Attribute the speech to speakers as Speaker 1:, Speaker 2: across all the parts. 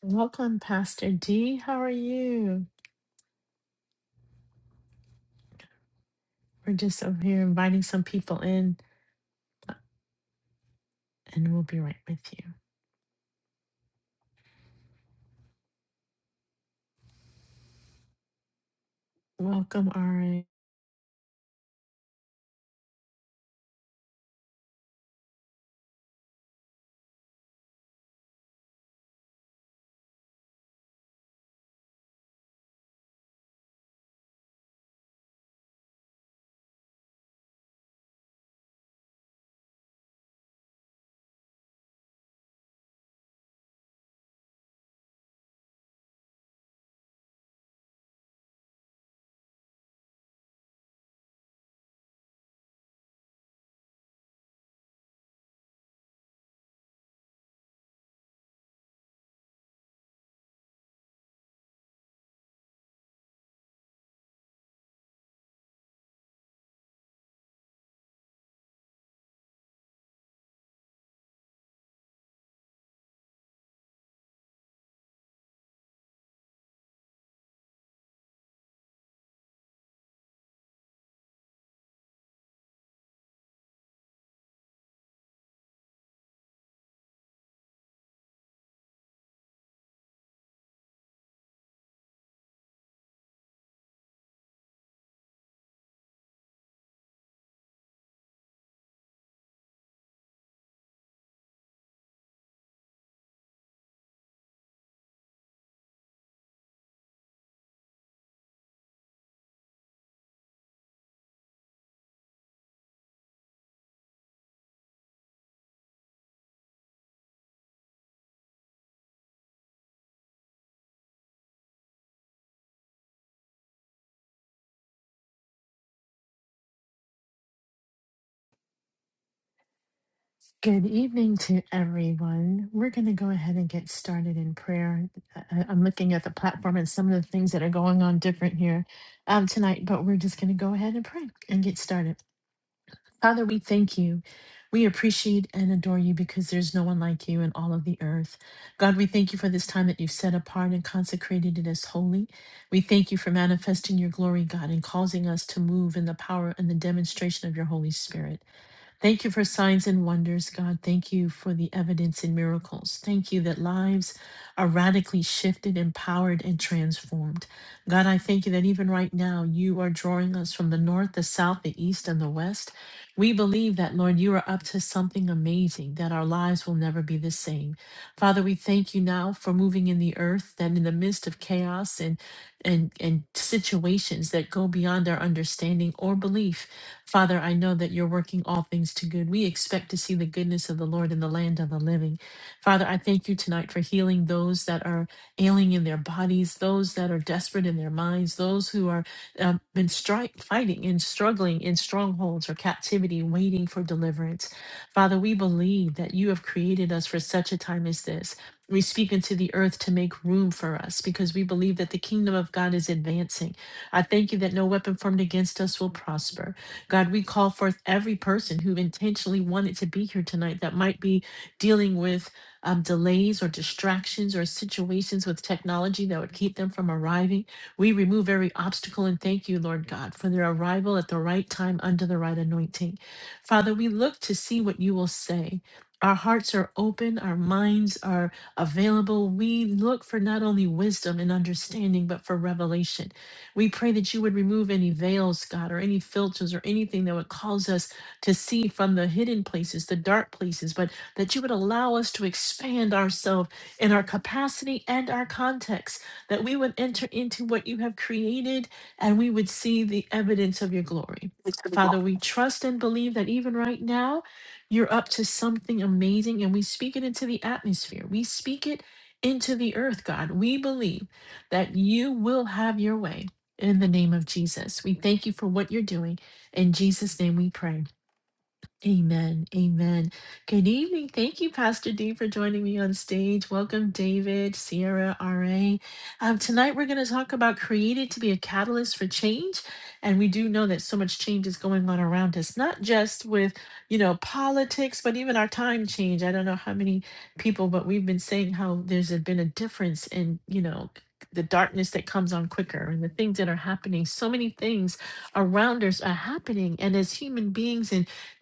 Speaker 1: Welcome, Pastor D. How are you? We're just over here inviting some people in, and we'll be right with you. Welcome, Ari. Good evening to everyone. We're going to go ahead and get started in prayer. I- I'm looking at the platform and some of the things that are going on different here um, tonight, but we're just going to go ahead and pray and get started. Father, we thank you. We appreciate and adore you because there's no one like you in all of the earth. God, we thank you for this time that you've set apart and consecrated it as holy. We thank you for manifesting your glory, God, and causing us to move in the power and the demonstration of your Holy Spirit. Thank you for signs and wonders, God. Thank you for the evidence and miracles. Thank you that lives are radically shifted, empowered, and transformed. God, I thank you that even right now you are drawing us from the north, the south, the east, and the west. We believe that, Lord, you are up to something amazing, that our lives will never be the same. Father, we thank you now for moving in the earth, that in the midst of chaos and and, and situations that go beyond our understanding or belief, Father, I know that you're working all things to good. We expect to see the goodness of the Lord in the land of the living. Father, I thank you tonight for healing those that are ailing in their bodies, those that are desperate in their minds, those who are um, been stri- fighting and struggling in strongholds or captivity, waiting for deliverance. Father, we believe that you have created us for such a time as this. We speak into the earth to make room for us because we believe that the kingdom of God is advancing. I thank you that no weapon formed against us will prosper. God, we call forth every person who intentionally wanted to be here tonight that might be dealing with um, delays or distractions or situations with technology that would keep them from arriving. We remove every obstacle and thank you, Lord God, for their arrival at the right time under the right anointing. Father, we look to see what you will say. Our hearts are open, our minds are available. We look for not only wisdom and understanding, but for revelation. We pray that you would remove any veils, God, or any filters or anything that would cause us to see from the hidden places, the dark places, but that you would allow us to expand ourselves in our capacity and our context, that we would enter into what you have created and we would see the evidence of your glory. Father, we trust and believe that even right now, you're up to something amazing, and we speak it into the atmosphere. We speak it into the earth, God. We believe that you will have your way in the name of Jesus. We thank you for what you're doing. In Jesus' name we pray. Amen. Amen. Good evening. Thank you, Pastor D, for joining me on stage. Welcome, David, Sierra, RA. Um, tonight, we're going to talk about created to be a catalyst for change. And we do know that so much change is going on around us, not just with, you know, politics, but even our time change. I don't know how many people, but we've been saying how there's a- been a difference in, you know, the darkness that comes on quicker and the things that are happening. So many things around us are happening. And as human beings,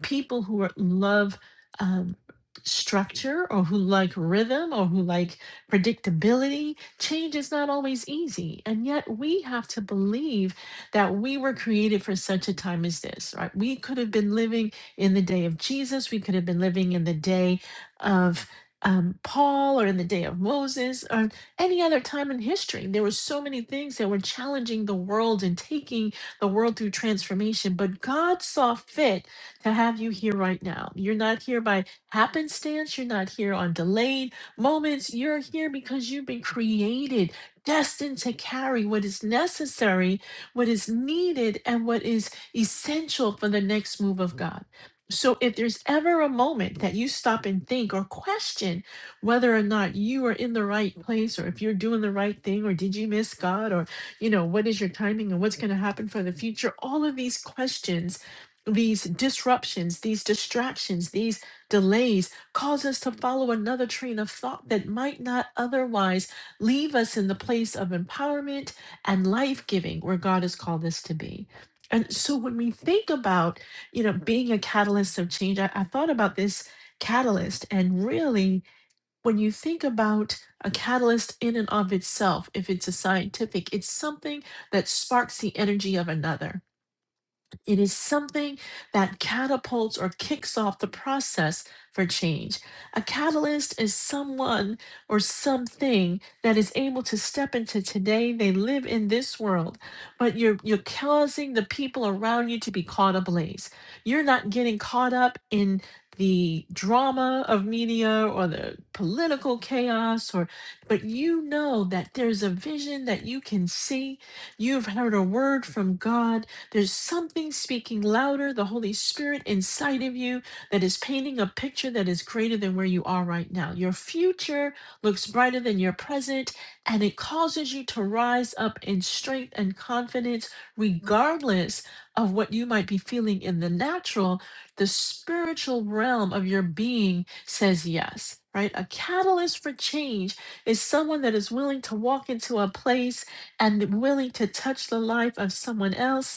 Speaker 1: people who are, love um, structure or who like rhythm or who like predictability. Change is not always easy. And yet we have to believe that we were created for such a time as this, right? We could have been living in the day of Jesus, we could have been living in the day of um, Paul or in the day of Moses or any other time in history. There were so many things that were challenging the world and taking the world through transformation, but God saw fit to have you here right now. You're not here by happenstance. You're not here on delayed moments. You're here because you've been created, destined to carry what is necessary, what is needed, and what is essential for the next move of God. So, if there's ever a moment that you stop and think or question whether or not you are in the right place or if you're doing the right thing or did you miss God or, you know, what is your timing and what's going to happen for the future, all of these questions these disruptions, these distractions, these delays cause us to follow another train of thought that might not otherwise leave us in the place of empowerment and life giving where God has called us to be. And so when we think about, you know, being a catalyst of change, I, I thought about this catalyst and really when you think about a catalyst in and of itself, if it's a scientific, it's something that sparks the energy of another it is something that catapults or kicks off the process for change. A catalyst is someone or something that is able to step into today. They live in this world, but you're you're causing the people around you to be caught ablaze. You're not getting caught up in the drama of media or the political chaos or but you know that there's a vision that you can see you've heard a word from god there's something speaking louder, the Holy Spirit inside of you that is painting a picture that is greater than where you are right now. Your future looks brighter than your present, and it causes you to rise up in strength and confidence, regardless of what you might be feeling in the natural. The spiritual realm of your being says yes, right? A catalyst for change is someone that is willing to walk into a place and willing to touch the life of someone else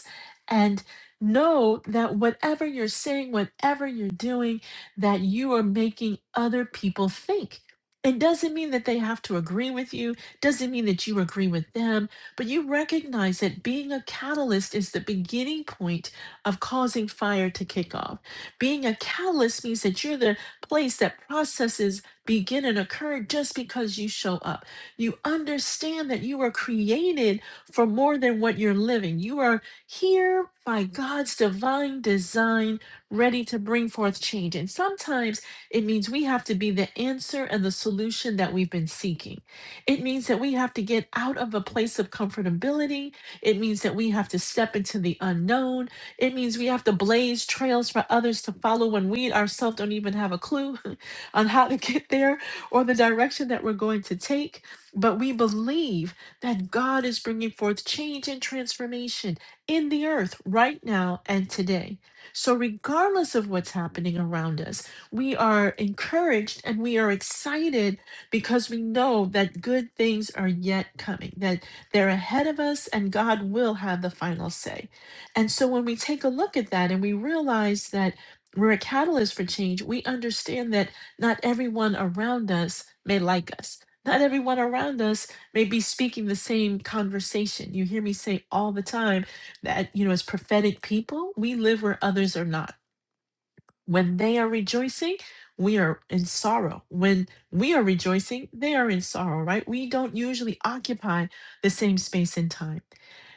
Speaker 1: and know that whatever you're saying, whatever you're doing, that you are making other people think. It doesn't mean that they have to agree with you, doesn't mean that you agree with them, but you recognize that being a catalyst is the beginning point of causing fire to kick off. Being a catalyst means that you're the place that processes begin and occur just because you show up. You understand that you are created for more than what you're living. You are here by God's divine design, ready to bring forth change. And sometimes it means we have to be the answer and the solution that we've been seeking. It means that we have to get out of a place of comfortability. It means that we have to step into the unknown. It means we have to blaze trails for others to follow when we ourselves don't even have a clue on how to get there or the direction that we're going to take. But we believe that God is bringing forth change and transformation in the earth right now and today. So, regardless of what's happening around us, we are encouraged and we are excited because we know that good things are yet coming, that they're ahead of us, and God will have the final say. And so, when we take a look at that and we realize that we're a catalyst for change, we understand that not everyone around us may like us. Not everyone around us may be speaking the same conversation. You hear me say all the time that you know as prophetic people we live where others are not when they are rejoicing, we are in sorrow. When we are rejoicing, they are in sorrow, right? We don't usually occupy the same space and time.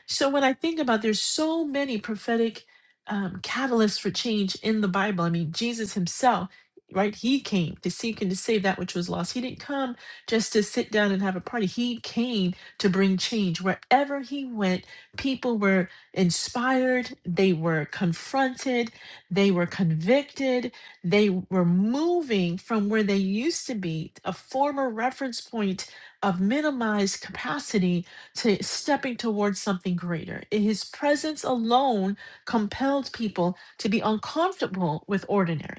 Speaker 1: So when I think about there's so many prophetic um, catalysts for change in the Bible. I mean, Jesus himself, right? He came to seek and to save that which was lost. He didn't come just to sit down and have a party. He came to bring change. Wherever he went, people were inspired, they were confronted, they were convicted. They were moving from where they used to be, a former reference point of minimized capacity, to stepping towards something greater. His presence alone compelled people to be uncomfortable with ordinary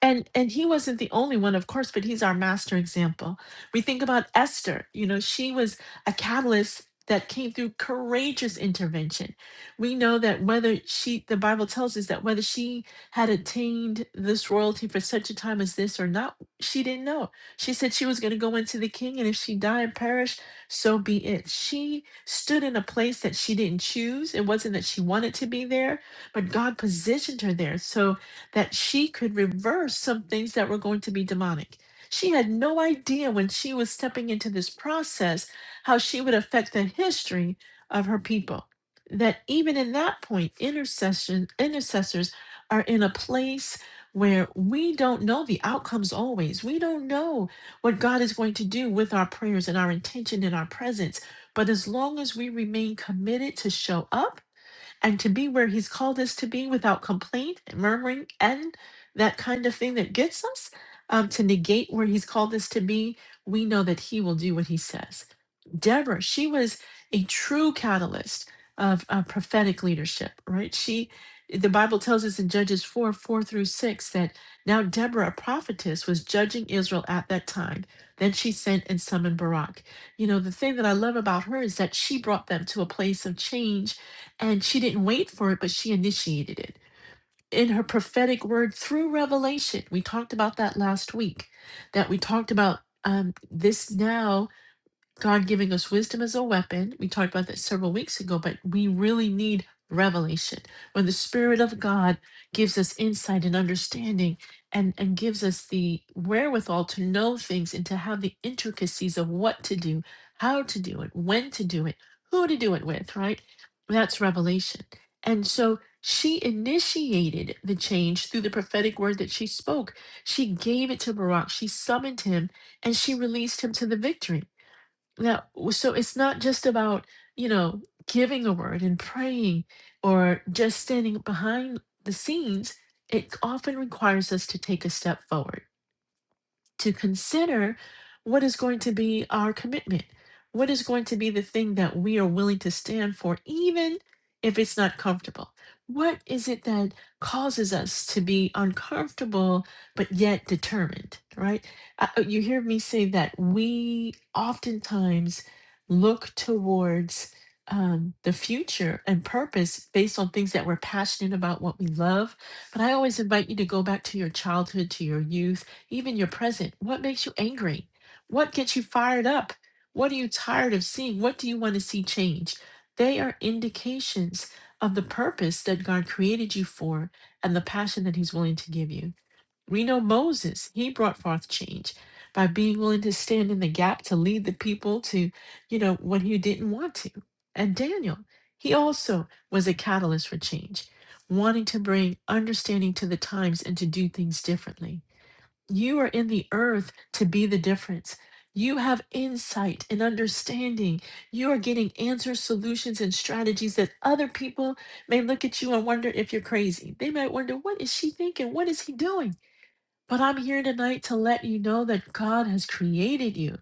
Speaker 1: and and he wasn't the only one of course but he's our master example we think about esther you know she was a catalyst that came through courageous intervention we know that whether she the bible tells us that whether she had attained this royalty for such a time as this or not she didn't know she said she was going to go into the king and if she died and perished, so be it she stood in a place that she didn't choose it wasn't that she wanted to be there but god positioned her there so that she could reverse some things that were going to be demonic. She had no idea when she was stepping into this process how she would affect the history of her people. That even in that point, intercession intercessors are in a place where we don't know the outcomes always. We don't know what God is going to do with our prayers and our intention and our presence. But as long as we remain committed to show up and to be where He's called us to be without complaint and murmuring and that kind of thing that gets us um, to negate where He's called us to be, we know that He will do what He says. Deborah, she was a true catalyst of uh, prophetic leadership, right? She, the Bible tells us in Judges 4 4 through 6 that now Deborah, a prophetess, was judging Israel at that time. Then she sent and summoned Barak. You know, the thing that I love about her is that she brought them to a place of change and she didn't wait for it, but she initiated it. In her prophetic word through revelation, we talked about that last week, that we talked about um, this now God giving us wisdom as a weapon. We talked about that several weeks ago, but we really need revelation. When the Spirit of God gives us insight and understanding and, and gives us the wherewithal to know things and to have the intricacies of what to do, how to do it, when to do it, who to do it with, right? That's revelation. And so she initiated the change through the prophetic word that she spoke. She gave it to Barak. She summoned him and she released him to the victory. Yeah. w- So it's not just about, you know, giving a word and praying or just standing behind the scenes. It often requires us to take a step forward to consider what is going to be our commitment. What is going to be the thing that we are willing to stand for, even if it's not comfortable? What is it that causes us to be uncomfortable but yet determined, right? Uh, uh, you hear me say that we oftentimes look towards um, the future and purpose based on things that we're passionate about, what we love. But I always invite you to go back to your childhood, to your youth even your present. What makes you angry? What gets you fired up? What are you tired of seeing? What do you want to see change? They are indications of the purpose that God created you for and the passion that He's willing to give you. We know Moses, he brought forth change by being willing to stand in the gap to lead the people to, you know, when he didn't want to. And Daniel, he also was a catalyst for change, wanting to bring understanding to the times and to do things differently. You are in the earth to be the difference. You have insight and understanding. You are getting answers, solutions, and strategies that other people may look at you and wonder if you're crazy. They might wonder, what is she thinking? What is he doing? But I'm here tonight to let you know that God has created you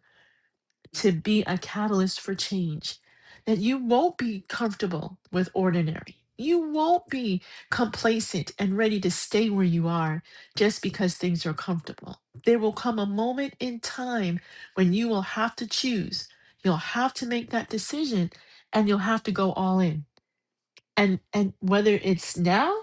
Speaker 1: to be a catalyst for change. That you won't be comfortable with ordinary. You won't be complacent and ready to stay where you are just because things are comfortable. There will come a moment in time when you will have to choose. You'll have to make that decision and you'll have to go all in and and whether it's now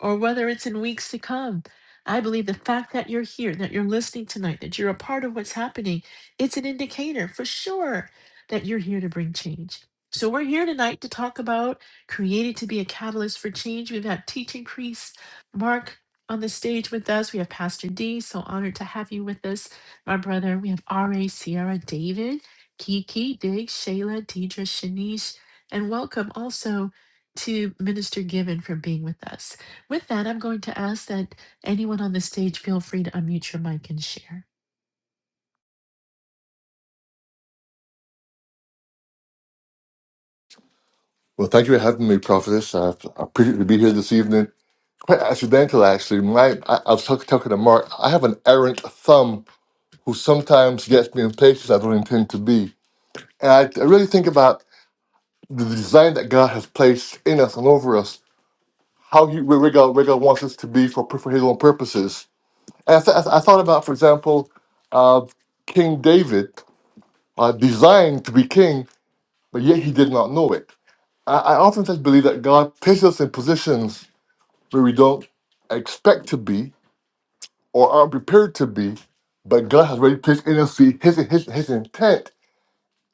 Speaker 1: or whether it's in weeks to come i believe the fact that you're here that you're listening tonight that you're a part of what's happening it's an indicator for sure that you're here to bring change so we're here tonight to talk about created to be a catalyst for change we've got teaching priest mark on the stage with us we have pastor d so honored to have you with us my brother we have ra sierra david kiki dig shayla deidre shanice and welcome also to Minister Given for being with us. With that, I'm going to ask that anyone on the stage feel free to unmute your mic and share.
Speaker 2: Well, thank you for having me, Prophetess. I I appreciate to be here this evening. Quite accidental, actually. My, I, I was talk, talking to Mark. I have an errant thumb who sometimes gets me in places I don't intend to be. And I, I really think about the design that God has placed in us and over us, how he, where, where, God, where God wants us to be for, for His own purposes. And I, th- I th- I thought about, for example, uh, King David, uh, designed to be king, but yet he did not know it. I, I often just believe that God places us in positions where we don't expect to be or aren't prepared to be, but God has already placed in us the- his, his, his intent.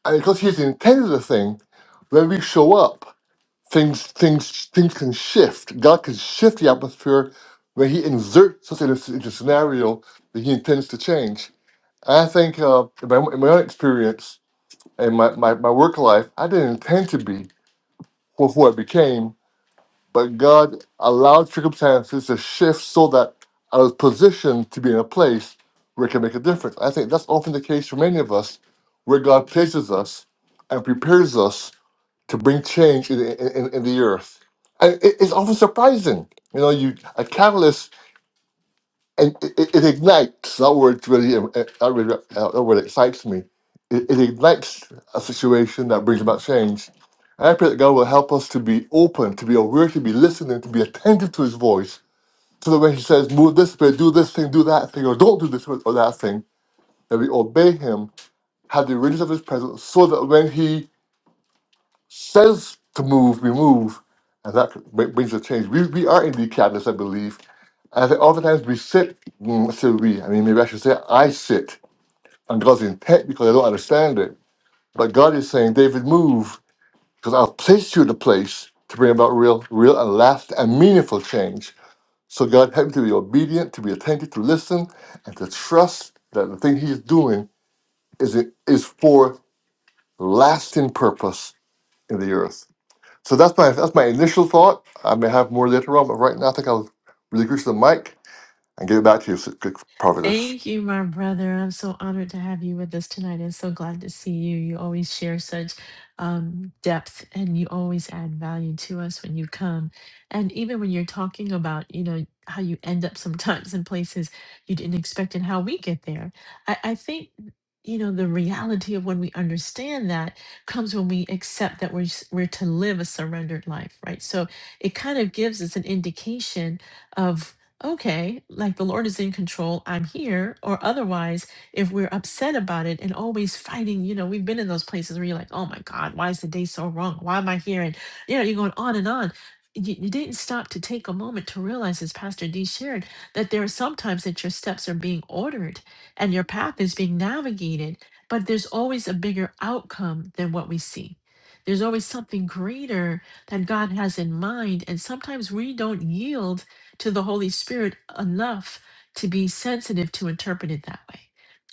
Speaker 2: And because he's intended a thing, when we show up, things things things can shift. God can shift the atmosphere when he inserts us in a, s- into a scenario that he intends to change. And I think uh, in, my, in my own experience and my, my, my work life, I didn't intend to be who, who I became, but God allowed circumstances to shift so that I was positioned to be in a place where it can make a difference. I think that's often the case for many of us, where God places us and prepares us to bring change in, in, in the earth. And it- it's often surprising. You know, you a catalyst and it, it, it ignites. That word really, that, really, uh, that word excites me. It, it ignites a situation that brings about change. And I pray that God will help us to be open, to be aware, to be listening, to be attentive to His voice, so that when He says, "Move this way, do this thing, do that thing, or don't do this or that thing," that we obey Him, have the readiness of His presence, so that when He says to move, we move, and that br- brings a change. We, we are indeed cabinets, I believe. I think oftentimes we sit, mm, I say we, I mean, maybe I should say I sit on God's intent because I don't understand it. But God is saying, David, move because I'll place you in a place to bring about real, real and lasting and meaningful change. So God, help me to be obedient, to be attentive, to listen, and to trust that the thing He's doing is, is for lasting purpose in the earth. So that's my that's my initial thought. I may have more later on, but right now I think I'll relinquish the mic and give it back to you, good prophetess.
Speaker 1: Thank you, my brother. I'm so honored to have you with us tonight and so glad to see you. You always share such um, depth and you always add value to us when you come. And even when you're talking about, you know, how you end up sometimes in places you didn't expect and how we get there. I, I think, you know, the reality of when we understand that comes when we accept that we're, s- we're to live a surrendered life, right? So it kind of gives us an indication of okay, like the Lord is in control, I'm here. Or otherwise, if we're upset about it and always fighting, you know, we've been in those places where you're like, oh my God, why is the day so wrong? Why am I here? And, you know, you're going on and on. You, you didn't stop to take a moment to realize, as Pastor D shared, that there are sometimes that your steps are being ordered and your path is being navigated, but there's always a bigger outcome than what we see. There's always something greater that God has in mind. And sometimes we don't yield to the Holy Spirit enough to be sensitive to interpret it that way.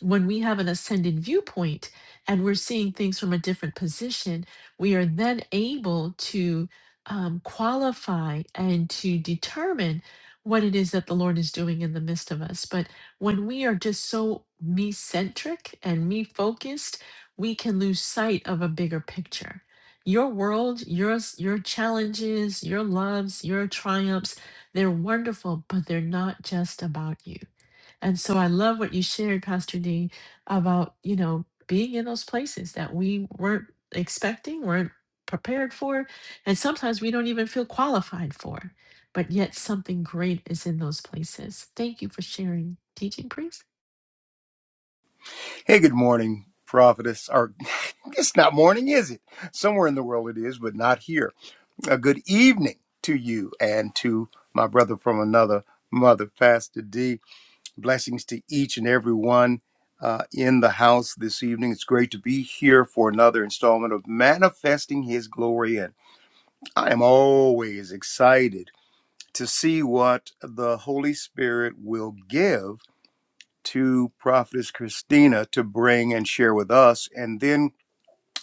Speaker 1: When we have an ascended viewpoint and we're seeing things from a different position, we are then able to um, qualify and to determine what it is that the Lord is doing in the midst of us. But when we are just so me centric and me focused, we can lose sight of a bigger picture your world, your your challenges, your loves, your triumphs they're wonderful, but they're not just about you. And so I love what you shared, Pastor D, about, you know, being in those places that we weren't expecting, weren't prepared for, and sometimes we don't even feel qualified for. But yet something great is in those places. Thank you for sharing. Teaching priest?
Speaker 3: Hey, good morning, prophetess. Or it's not morning, is it? Somewhere in the world it is, but not here. A good evening to you and to my brother from another mother, Pastor D. Blessings to each and every one uh, in the house this evening. It's great to be here for another installment of Manifesting His Glory. And I am always excited to see what the Holy Spirit will give to Prophetess Christina to bring and share with us, and then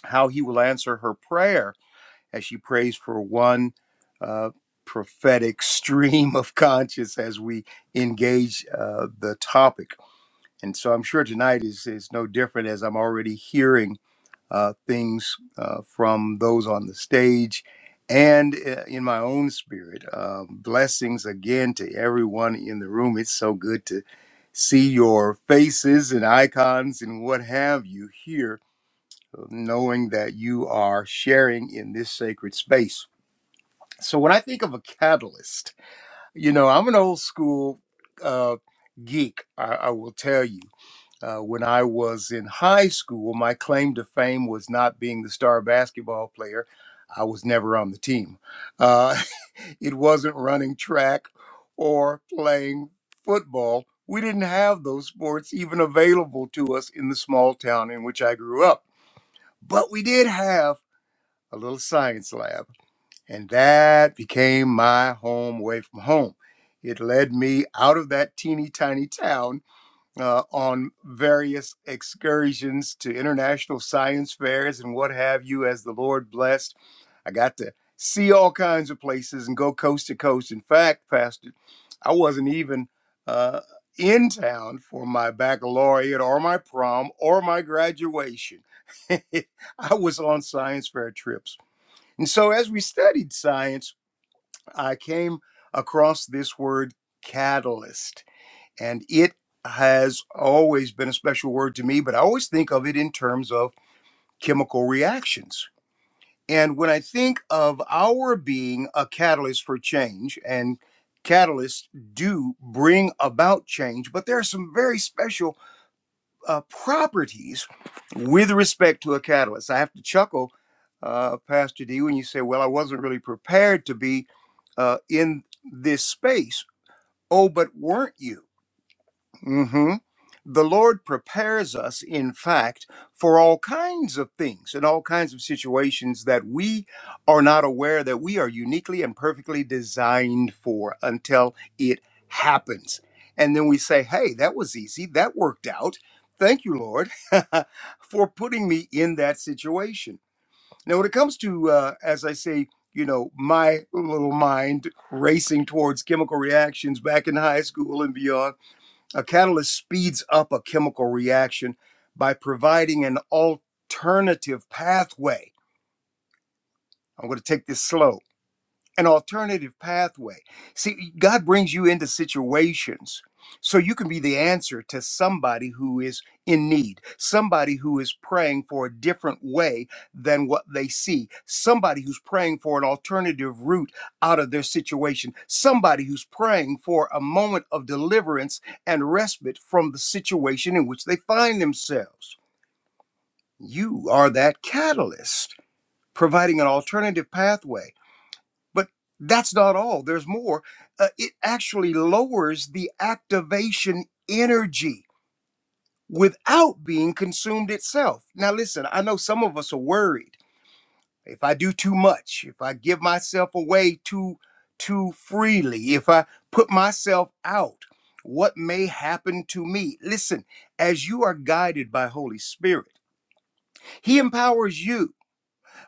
Speaker 3: how he will answer her prayer as she prays for one uh, prophetic stream of conscience as we engage uh, the topic. And so I'm sure tonight is, is no different as I'm already hearing uh, things uh, from those on the stage and uh, in my own spirit. Uh, blessings again to everyone in the room. It's so good to see your faces and icons and what have you here, knowing that you are sharing in this sacred space. So, when I think of a catalyst, you know, I'm an old school uh, geek, I, I will tell you. Uh, when I was in high school, my claim to fame was not being the star basketball player. I was never on the team. Uh, it wasn't running track or playing football. We didn't have those sports even available to us in the small town in which I grew up. But we did have a little science lab, and that became my home away from home. It led me out of that teeny tiny town uh, on various excursions to international science fairs and what have you, as the Lord blessed. I got to see all kinds of places and go coast to coast. In fact, Pastor, I wasn't even uh, in town for my baccalaureate or my prom or my graduation. I was on science fair trips. And so, as we studied science, I came across this word catalyst and it has always been a special word to me, but I always think of it in terms of chemical reactions. And when I think of our being a catalyst for change, and catalysts do bring about change, but there are some very special uh, properties with respect to a catalyst. I have to chuckle, uh, Pastor D, when you say, Well, I wasn't really prepared to be uh, in this space. Oh, but weren't you? hmm The Lord prepares us, in fact, for all kinds of things and all kinds of situations that we are not aware that we are uniquely and perfectly designed for until it happens. And then we say, hey, that was easy. That worked out. Thank you, Lord, for putting me in that situation. Now, when it comes to, uh, as I say, you know, my little mind racing towards chemical reactions back in high school and beyond a catalyst speeds up a chemical reaction by providing an alternative pathway. I'm going to take this slow an alternative pathway. See, God brings you into situations so you can be the answer to somebody who is in need, somebody who is praying for a different way than what they see, somebody who's praying for an alternative route out of their situation, somebody who's praying for a moment of deliverance and respite from the situation in which they find themselves. You are that catalyst, providing an alternative pathway but that's not all, there's more. Uh, it actually lowers the activation energy without being consumed itself. Now, listen, I know some of us are worried. If I do too much, if I give myself away too, too freely, if I put myself out, what may happen to me? Listen, as you are guided by Holy Spirit, He empowers you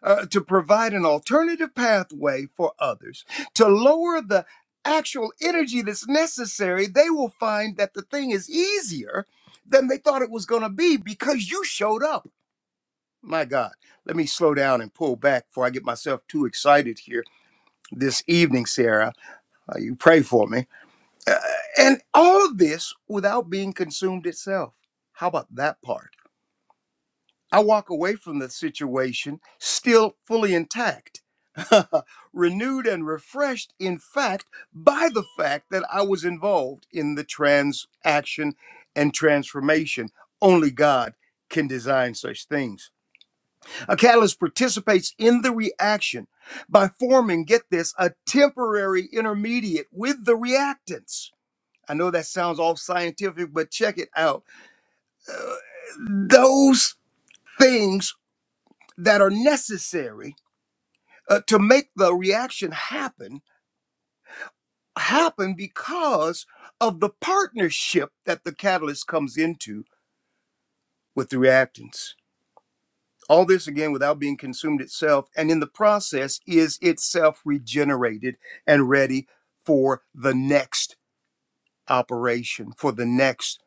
Speaker 3: uh, to provide an alternative pathway for others to lower the actual energy that's necessary, they will find that the thing is easier than they thought it was going to be because you showed up. My God, let me slow down and pull back before I get myself too excited here this evening, Sarah. Uh, you pray for me. Uh, and all of this without being consumed itself. How about that part? I walk away from the situation still fully intact, renewed and refreshed, in fact, by the fact that I was involved in the transaction and transformation. Only God can design such things. A catalyst participates in the reaction by forming, get this, a temporary intermediate with the reactants. I know that sounds all scientific, but check it out. Uh, those things that are necessary uh, to make the reaction happen happen because of the partnership that the catalyst comes into with the reactants all this again without being consumed itself and in the process is itself regenerated and ready for the next operation for the next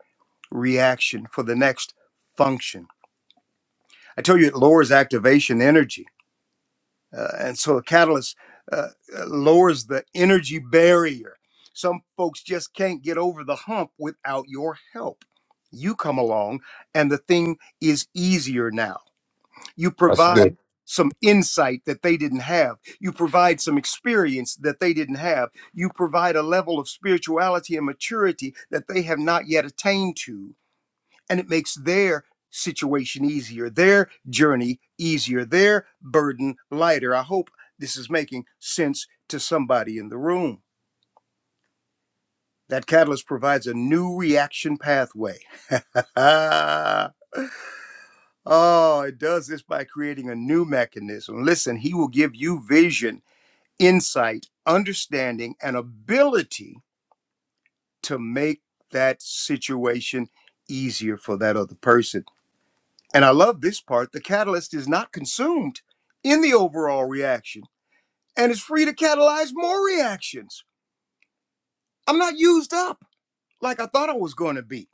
Speaker 3: reaction for the next function i tell you it lowers activation energy Uh, and so a catalyst uh, uh, lowers the energy barrier. Some folks just can't get over the hump without your help. You come along, and the thing is easier now. You
Speaker 2: That's
Speaker 3: provide
Speaker 2: good.
Speaker 3: some insight that they didn't have. You provide some experience that they didn't have. You provide a level of spirituality and maturity that they have not yet attained to and it makes their situation easier, their journey easier, their burden lighter. I hope this is making sense to somebody in the room. That catalyst provides a new reaction pathway. oh, it does this by creating a new mechanism. Listen, he will give you vision, insight, understanding, and ability to make that situation easier for that other person And I love this part the catalyst is not consumed in the overall reaction and is free to catalyze more reactions. I'm not used up like I thought I was going to be.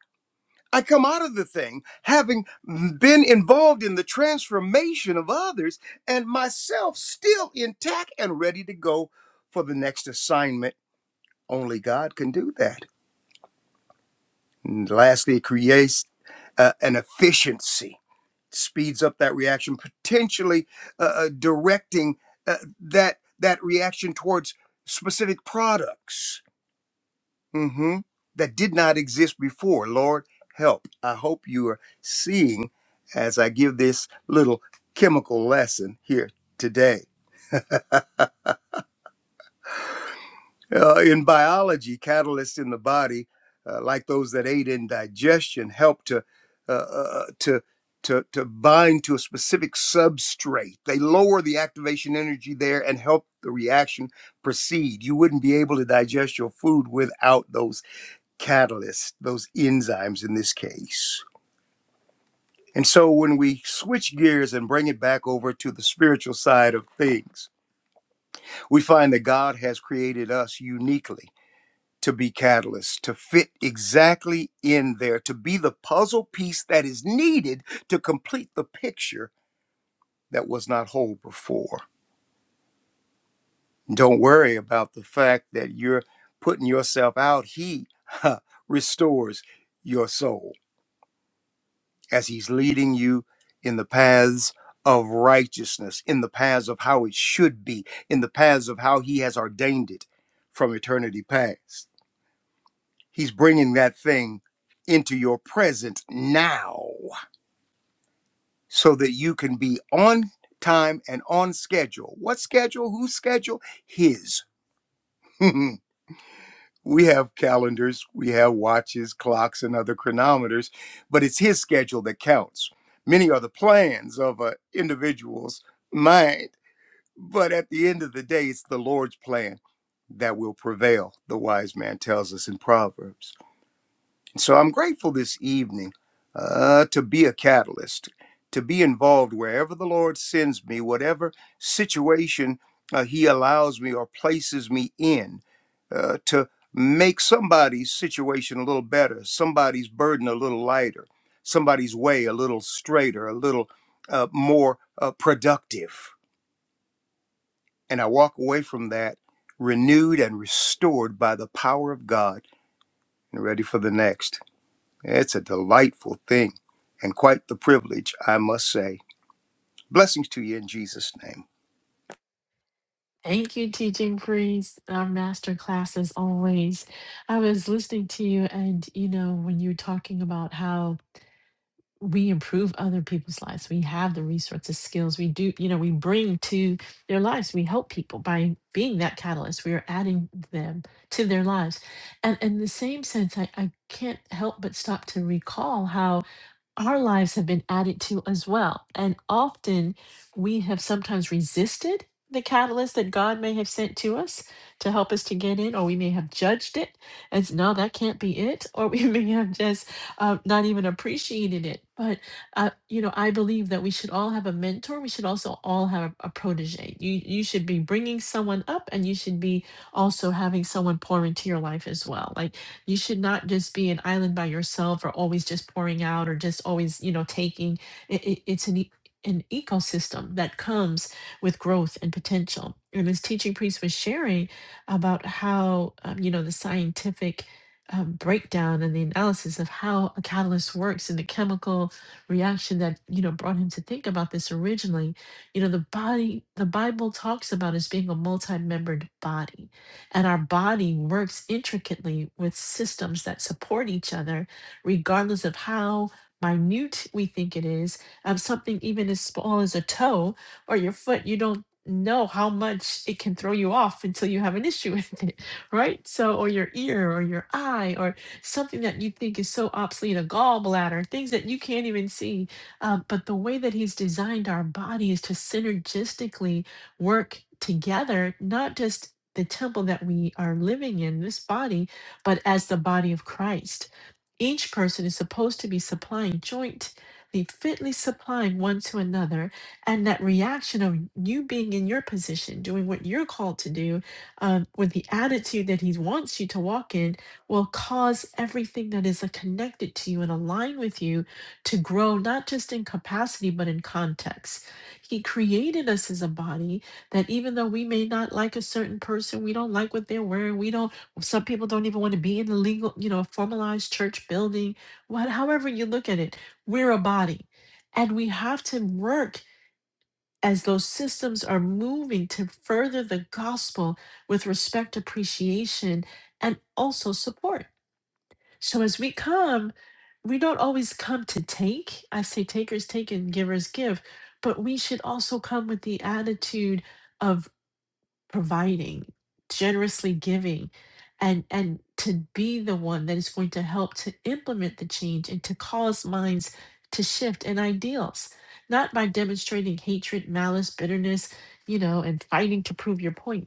Speaker 3: I come out of the thing having been involved in the transformation of others and myself still intact and ready to go for the next assignment. Only God can do that. And lastly, it creates uh, an efficiency. speeds up that reaction, potentially uh, uh, directing uh, that that reaction towards specific products hmm that did not exist before. Lord, help! I hope you are seeing as I give this little chemical lesson here today. Uh, in biology, catalysts in the body, uh, like those that aid in digestion, help to uh, uh, to to to bind to a specific substrate. They lower the activation energy there and help the reaction proceed. You wouldn't be able to digest your food without those catalysts, those enzymes in this case. And so when we switch gears and bring it back over to the spiritual side of things, we find that God has created us uniquely to be catalysts, to fit exactly in there, to be the puzzle piece that is needed to complete the picture that was not whole before. Don't worry about the fact that you're putting yourself out. He huh, restores your soul as He's leading you in the paths of righteousness, in the paths of how it should be, in the paths of how He has ordained it from eternity past. He's bringing that thing into your present now so that you can be on time and on schedule. What schedule? Whose schedule? His. we have calendars, we have watches, clocks, and other chronometers, but it's his schedule that counts. Many are the plans of an individual's mind, but at the end of the day, it's the Lord's plan that will prevail, the wise man tells us in Proverbs. So I'm grateful this evening uh, to be a catalyst, to be involved wherever the Lord sends me, whatever situation uh, He allows me or places me in, uh, to make somebody's situation a little better, somebody's burden a little lighter, somebody's way a little straighter, a little uh, more uh, productive. And I walk away from that renewed and restored by the power of God and ready for the next. It's a delightful thing and quite the privilege, I must say. Blessings to you in Jesus' name.
Speaker 1: Thank you, teaching priest. Our master class as always. I was listening to you and you know, when you were talking about how we improve other people's lives. We have the resources, skills. We do, you know, we bring to their lives. We help people by being that catalyst. We are adding them to their lives. And in the same sense, I, I can't help but stop to recall how our lives have been added to as well. And often we have sometimes resisted the catalyst that God may have sent to us to help us to get in, or we may have judged it as no, that can't be it, or we may have just uh, not even appreciated it. But, uh, you know, I believe that we should all have a mentor. We should also all have a protege. You, you should be bringing someone up and you should be also having someone pour into your life as well. Like, you should not just be an island by yourself or always just pouring out or just always, you know, taking. It, it, it's an, e- an ecosystem that comes with growth and potential. And this teaching priest was sharing about how, um, you know, the scientific um, breakdown and the analysis of how a catalyst works and the chemical reaction that, you know, brought him to think about this originally. You know, the body, the Bible talks about as being a multi membered body and our body works intricately with systems that support each other, regardless of how minute we think it is. Of something even as small as a toe or your foot, you don't know how much it can throw you off until you have an issue with it, right? So, or your ear or your eye or something that you think is so obsolete, a gallbladder, things that you can't even see. Uh, but the way that he's designed our body is to synergistically work together, not just the temple that we are living in, this body, but as the body of Christ each person is supposed to be supplying jointly, fitly supplying one to another. And that reaction of you being in your position, doing what you're called to do, um, with the attitude that He wants you to walk in, will cause everything that is uh, connected to you and aligned with you to grow, not just in capacity, but in context. He created us as a body that even though we may not like a certain person, we don't like what they're wearing, we don't some people don't even want to be in the legal, you know, formalized church building. What, however you look at it, we're a body, and we have to work as those systems are moving to further the gospel with respect, appreciation, and also support. So as we come, we don't always come to take. I say takers take and givers give, but we should also come with the attitude of providing, generously giving, and and to be the one that is going to help to implement the change and to cause minds to shift and ideals, not by demonstrating hatred, malice, bitterness, you know, and fighting to prove your point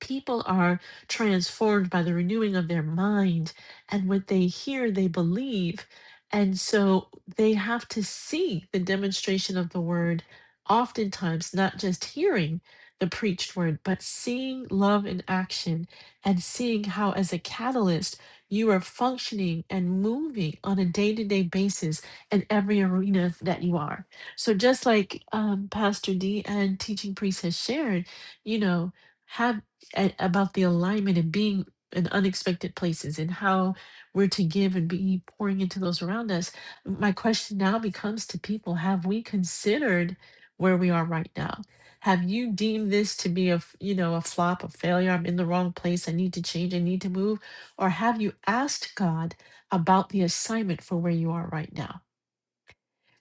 Speaker 1: people are transformed by the renewing of their mind and what they hear they believe and so they have to see the demonstration of the word oftentimes not just hearing the preached word but seeing love in action and seeing how as a catalyst you are functioning and moving on a day-to-day basis in every arena that you are so just like um, pastor d and teaching priest has shared you know have a- about the alignment and being in unexpected places and how we're to give and be pouring into those around us. My question now becomes to people have we considered where we are right now? Have you deemed this to be a, f- you know, a flop, a failure, I'm in the wrong place, I need to change, I need to move, or have you asked God about the assignment for where you are right now?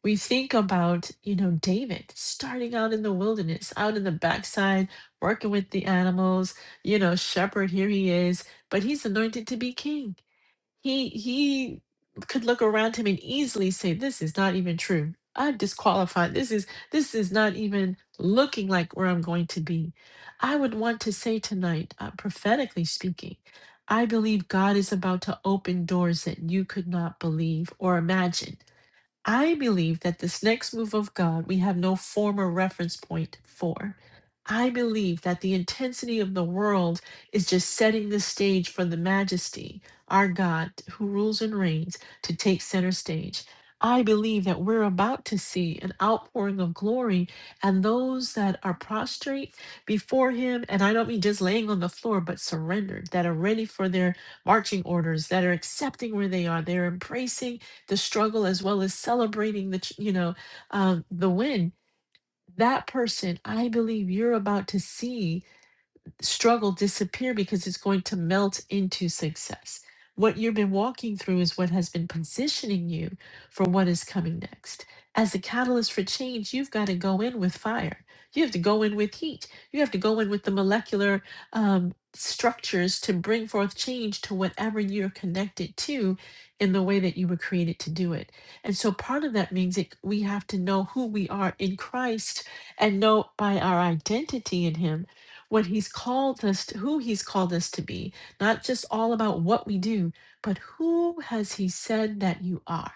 Speaker 1: we think about, you know, David starting out in the wilderness, out in the backside, working with the animals, you know, shepherd, here he is, but he's anointed to be king. He he could look around him and easily say, This is not even true. I'm disqualified. This is this is not even looking like where I'm going to be. I would want to say tonight, uh, prophetically speaking, I believe God is about to open doors that you could not believe or imagine I believe that this next move of God we have no former reference point for. I believe that the intensity of the world is just setting the stage for the majesty, our God who rules and reigns, to take center stage. I believe that we're about to see an outpouring of glory, and those that are prostrate before Him, and I don't mean just laying on the floor, but surrendered, that are ready for their marching orders, that are accepting where they are, they're embracing the struggle as well as celebrating the ch- you know um, the win that person i believe you're about to see struggle disappear because it's going to melt into success. What you've been walking through is what has been positioning you for what is coming next. As a catalyst for change, you've got to go in with fire. You have to go in with heat. You have to go in with the molecular um, structures to bring forth change to whatever you're connected to in the way that you were created to do it. And so part of that means that we have to know who we are in Christ and know by our identity in Him what he's called us to, who he's called us to be, not just all about what we do, but who has he said that you are?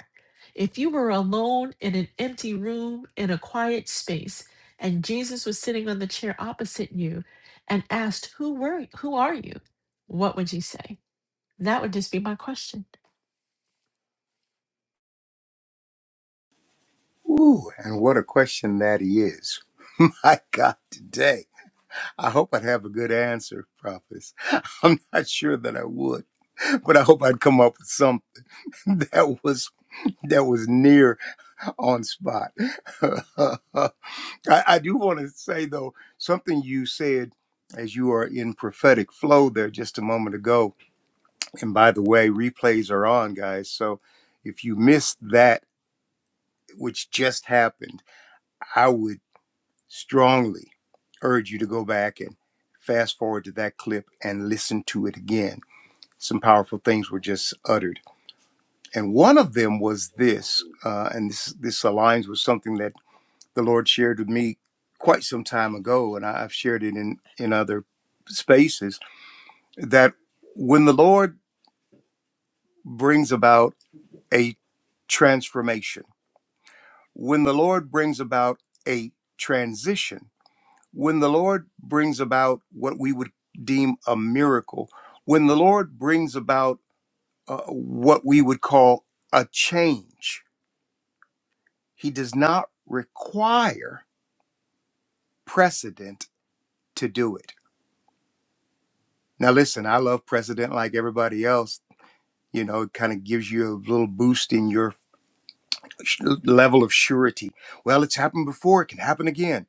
Speaker 1: If you were alone in an empty room in a quiet space and Jesus was sitting on the chair opposite you and asked, "Who were who are you?" What would you say? That would just be my question.
Speaker 3: Ooh, and what a question that he is. My God, today. I hope I'd have a good answer, prophets. I'm not sure that I would, but I hope I'd come up with something that was that was near on spot. I, I do want to say though, something you said as you are in prophetic flow there just a moment ago And by the way, replays are on, guys. So if you missed that, which just happened, I would strongly urge you to go back and fast forward to that clip and listen to it again. Some powerful things were just uttered. And one of them was this, uh, and this, this aligns with something that the Lord shared with me quite some time ago, and I- I've shared it in, in other spaces that when the Lord brings about a transformation, when the Lord brings about a transition, when the Lord brings about what we would deem a miracle, when the Lord brings about uh, what we would call a change, He does not require precedent to do it. Now, listen, I love precedent like everybody else. You know, it kind of gives you a little boost in your sh- level of surety. Well, it's happened before, it can happen again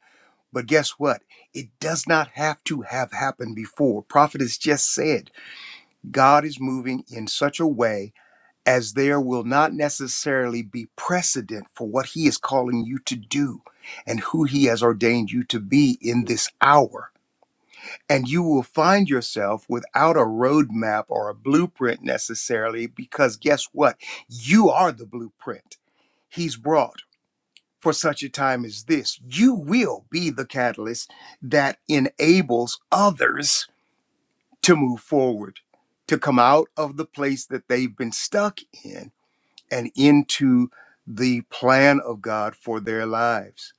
Speaker 3: But guess what? It does not have to have happened before. Prophet has just said God is moving in such a way as there will not necessarily be precedent for what he is calling you to do and who he has ordained you to be in this hour. And you will find yourself without a roadmap or a blueprint necessarily, because guess what? You are the blueprint he's brought for such a time as this. You will be the catalyst that enables others to move forward, to come out of the place that they've been stuck in and into the plan of God for their lives.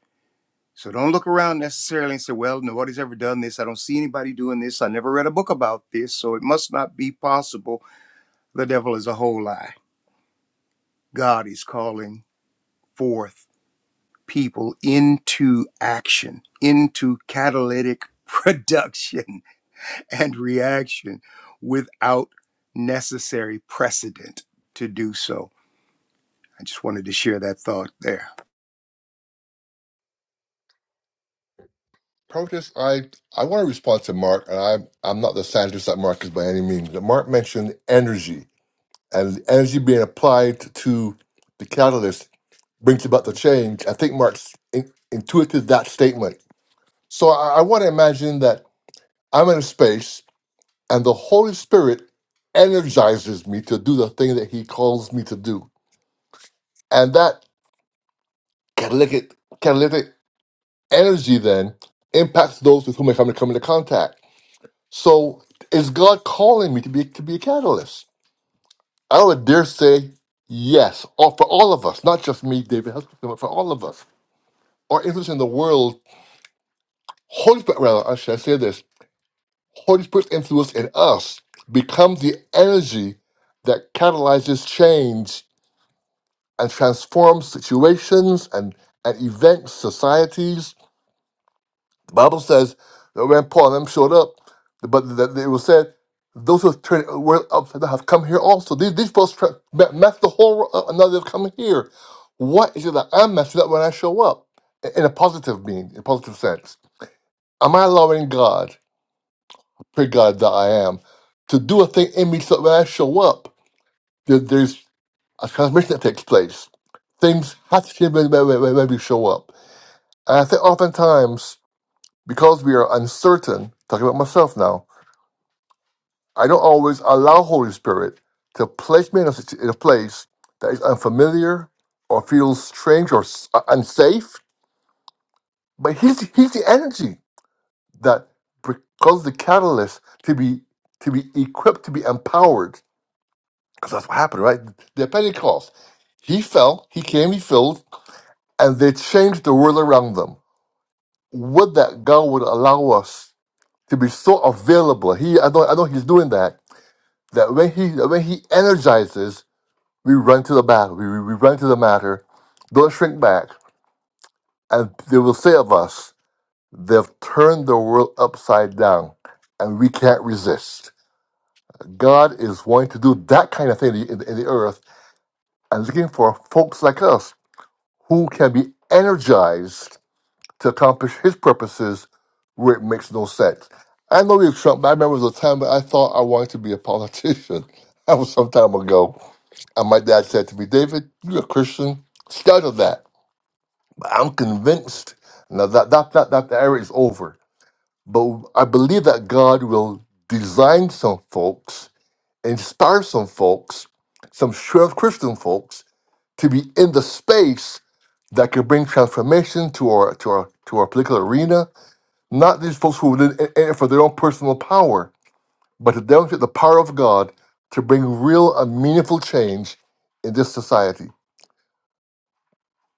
Speaker 3: So don't look around necessarily and say, well, nobody's ever done this. I don't see anybody doing this. I never read a book about this. So it must not be possible. The devil is a whole lie. God is calling forth people into action, into catalytic production and reaction without necessary precedent to do so. I just wanted to share that thought there.
Speaker 2: Protest. I I want to respond to Mark, and I'm I'm not the scientist that Mark is by any means. But Mark mentioned energy, and energy being applied to the catalyst brings about the change. I think Mark's in, intuited that statement. So I, I want to imagine that I'm in a space, and the Holy Spirit energizes me to do the thing that He calls me to do. And that catalytic, catalytic energy then impacts those with whom I come, come into contact. So is God calling me to be to be a catalyst? I would dare say yes, or for all of us, not just me, David Huskisson, but for all of us. Our influence in the world, Holy Spirit, rather, I should say this, Holy Spirit's influence in us becomes the energy that catalyzes change and transforms situations and, and events, societies, The Bible says that when Paul and them showed up, but that it was said, those who have turned were up that have come here also. These these folks tra- met, met the whole world up, now they've come here. What is it that I'm messing up when I show up? In in a positive meaning, in a positive sense. Am I allowing God, pray God that I am, to do a thing in me so that when I show up, there, there's a transmission that takes place. Things have to change when, when, when when we show up. And I think oftentimes, because we are uncertain, talking about myself now, I don't always allow Holy Spirit to place me in a, situ- in a place that is unfamiliar or feels strange or s- uh, unsafe. But he's he's the energy that becomes the catalyst to be to be equipped to be empowered. Because that's what happened, right? The Pentecost. He fell, he came, he filled, and they changed the world around them. Would that God would allow us to be so available? He, I know, I know, He's doing that. That when He, that when He energizes, We run to the battle. We, we we run to the matter. Don't shrink back. And they will say of us, they've turned the world upside down and we can't resist. God is wanting to do that kind of thing in the, in the earth and looking for folks like us who can be energized to accomplish his purposes where it makes no sense. I know we've Trump, but I remember there was a time that I thought I wanted to be a politician. That was some time ago. And my dad said to me, David, you're a Christian. Start of that. I'm convinced now that that that that era is over. But I believe that God will design some folks, inspire some folks, some sure Christian folks to be in the space that could bring transformation to our to our to our political arena. Not these folks who are in in it for their own personal power, but if they don't get the power of God to bring real and meaningful change in this society.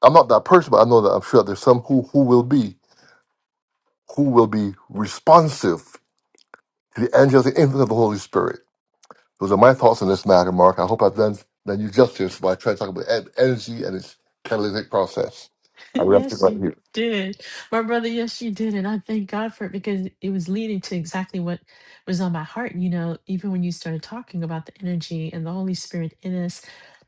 Speaker 2: I'm not that person, but I know that I'm sure there's some who who will be. who will be responsive to the angelic influence of the Holy Spirit. Those are my thoughts on this matter, Mark. I hope I've done, done you justice by trying to talk about en- energy and its catalytic process.
Speaker 1: Yes, you did. My brother, yes, you did. And I thank God for it because it was leading to exactly what was on my heart. You know, even when you started talking about the energy and the Holy Spirit in us,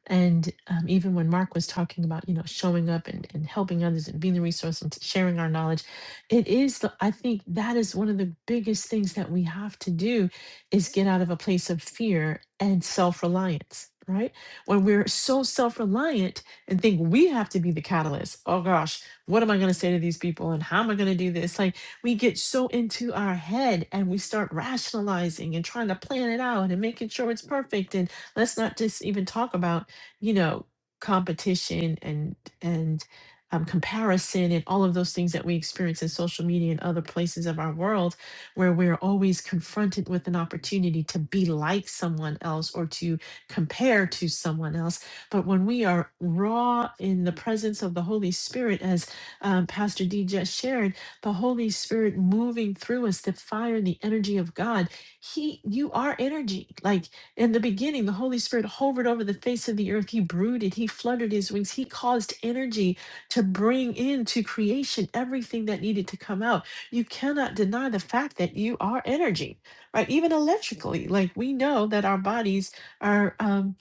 Speaker 1: and um, even when Mark was talking about, you know, showing up and, and helping others and being the resource and sharing our knowledge, it is the, I think that is one of the biggest things that we have to do is get out of a place of fear and self reliance, right? When we're so self reliant, and think we have to be the catalyst. Oh gosh, what am I going to say to these people and how am I going to do this? Like we get so into our head and we start rationalizing and trying to plan it out and making sure it's perfect. And let's not just even talk about, you know, competition and, and, um, comparison and all of those things that we experience in social media and other places of our world where we're always confronted with an opportunity to be like someone else or to compare to someone else but when we are raw in the presence of the Holy Spirit, as um, Pastor D just shared, the Holy Spirit moving through us, the fire, the energy of God, He, you are energy. Like in the beginning, the Holy Spirit hovered over the face of the earth. He brooded, He fluttered His wings, He caused energy to bring into creation everything that needed to come out. You cannot deny the fact that you are energy, right? Even electrically, like we know that our bodies are. Um,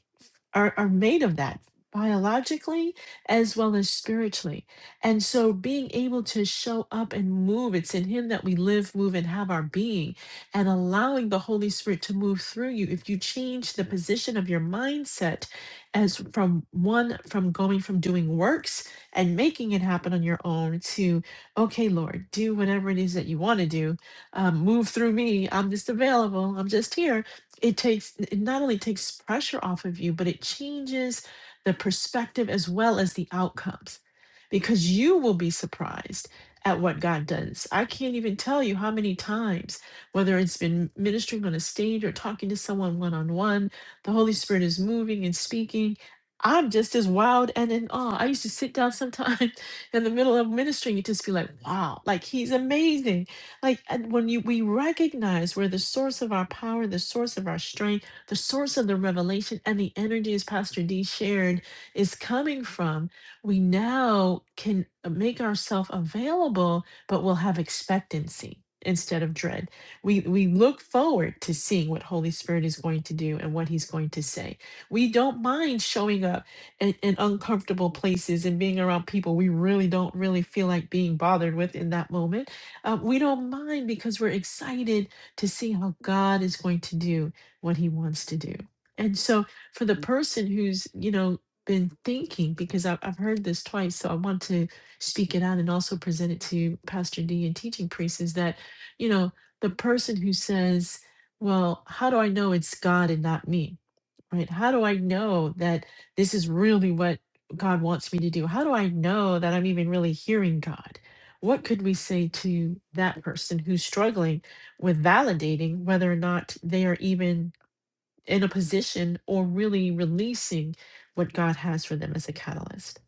Speaker 1: are, are made of that biologically as well as spiritually. And so being able to show up and move, it's in Him that we live, move, and have our being, and allowing the Holy Spirit to move through you. If you change the position of your mindset as from one, from going from doing works and making it happen on your own to, okay, Lord, do whatever it is that you want to do, um, move through me. I'm just available. I'm just here it takes it not only takes pressure off of you but it changes the perspective as well as the outcomes because you will be surprised at what God does. I can't even tell you how many times whether it's been ministering on a stage or talking to someone one on one, the Holy Spirit is moving and speaking. I'm just as wild and in awe. I used to sit down sometimes in the middle of ministering and just be like, wow, like he's amazing like and when you we recognize where the source of our power, the source of our strength, the source of the revelation and the energy, as Pastor D shared, is coming from, we now can make ourselves available, but we'll have expectancy instead of dread. We we look forward to seeing what Holy Spirit is going to do and what he's going to say. We don't mind showing up in, in uncomfortable places and being around people we really don't really feel like being bothered with in that moment uh, we don't mind because we're excited to see how God is going to do what he wants to do. And so, for the person who's, you know, been thinking, because I've, I've heard this twice, so I want to speak it out and also present it to Pastor D and teaching priests is that, you know, the person who says, well, how do I know it's God and not me? right? How do I know that this is really what God wants me to do? How do I know that I'm even really hearing God? What could we say to that person who's struggling with validating whether or not they are even in a position or really releasing what God has for them as a catalyst?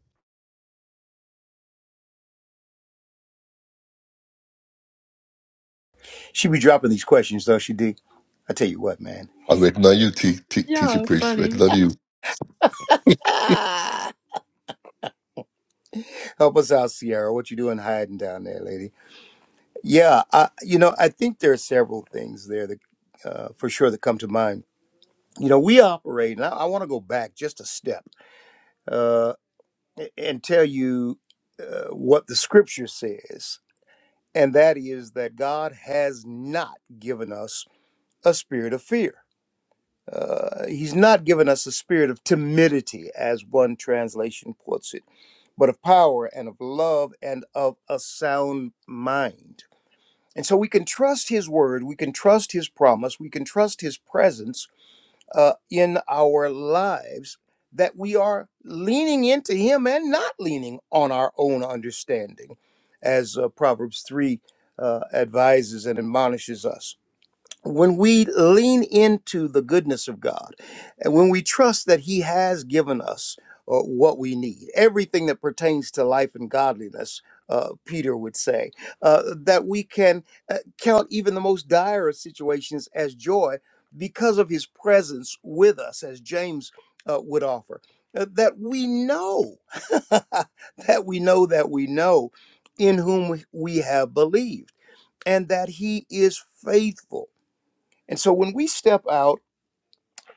Speaker 3: She be dropping these questions though, she did. I tell you what, man.
Speaker 2: I'm waiting on you, te- te- teaching
Speaker 1: Yeah,
Speaker 2: priest. Waiting
Speaker 1: funny.
Speaker 2: on you.
Speaker 3: Help us out, Sierra. What you doing hiding down there, lady? Yeah, I, you know, I think there are several things there that, uh, for sure, that come to mind. You know, we operate, and I, I want to go back just a step. Uh, and tell you uh, what the scripture says, and that is that God has not given us a spirit of fear. Uh, he's not given us a spirit of timidity, as one translation puts it, but of power and of love and of a sound mind. And so we can trust His word, we can trust His promise, we can trust His presence uh, in our lives that we are leaning into Him and not leaning on our own understanding, as uh, Proverbs 3 uh, advises and admonishes us when we lean into the goodness of God and when we trust that He has given us uh, what we need, everything that pertains to life and godliness, uh, Peter would say, uh, that we can uh, count even the most dire of situations as joy because of His presence with us, as James uh, would offer. Uh, that we know, that we know, that we know in whom we we have believed, and that He is faithful and so when we step out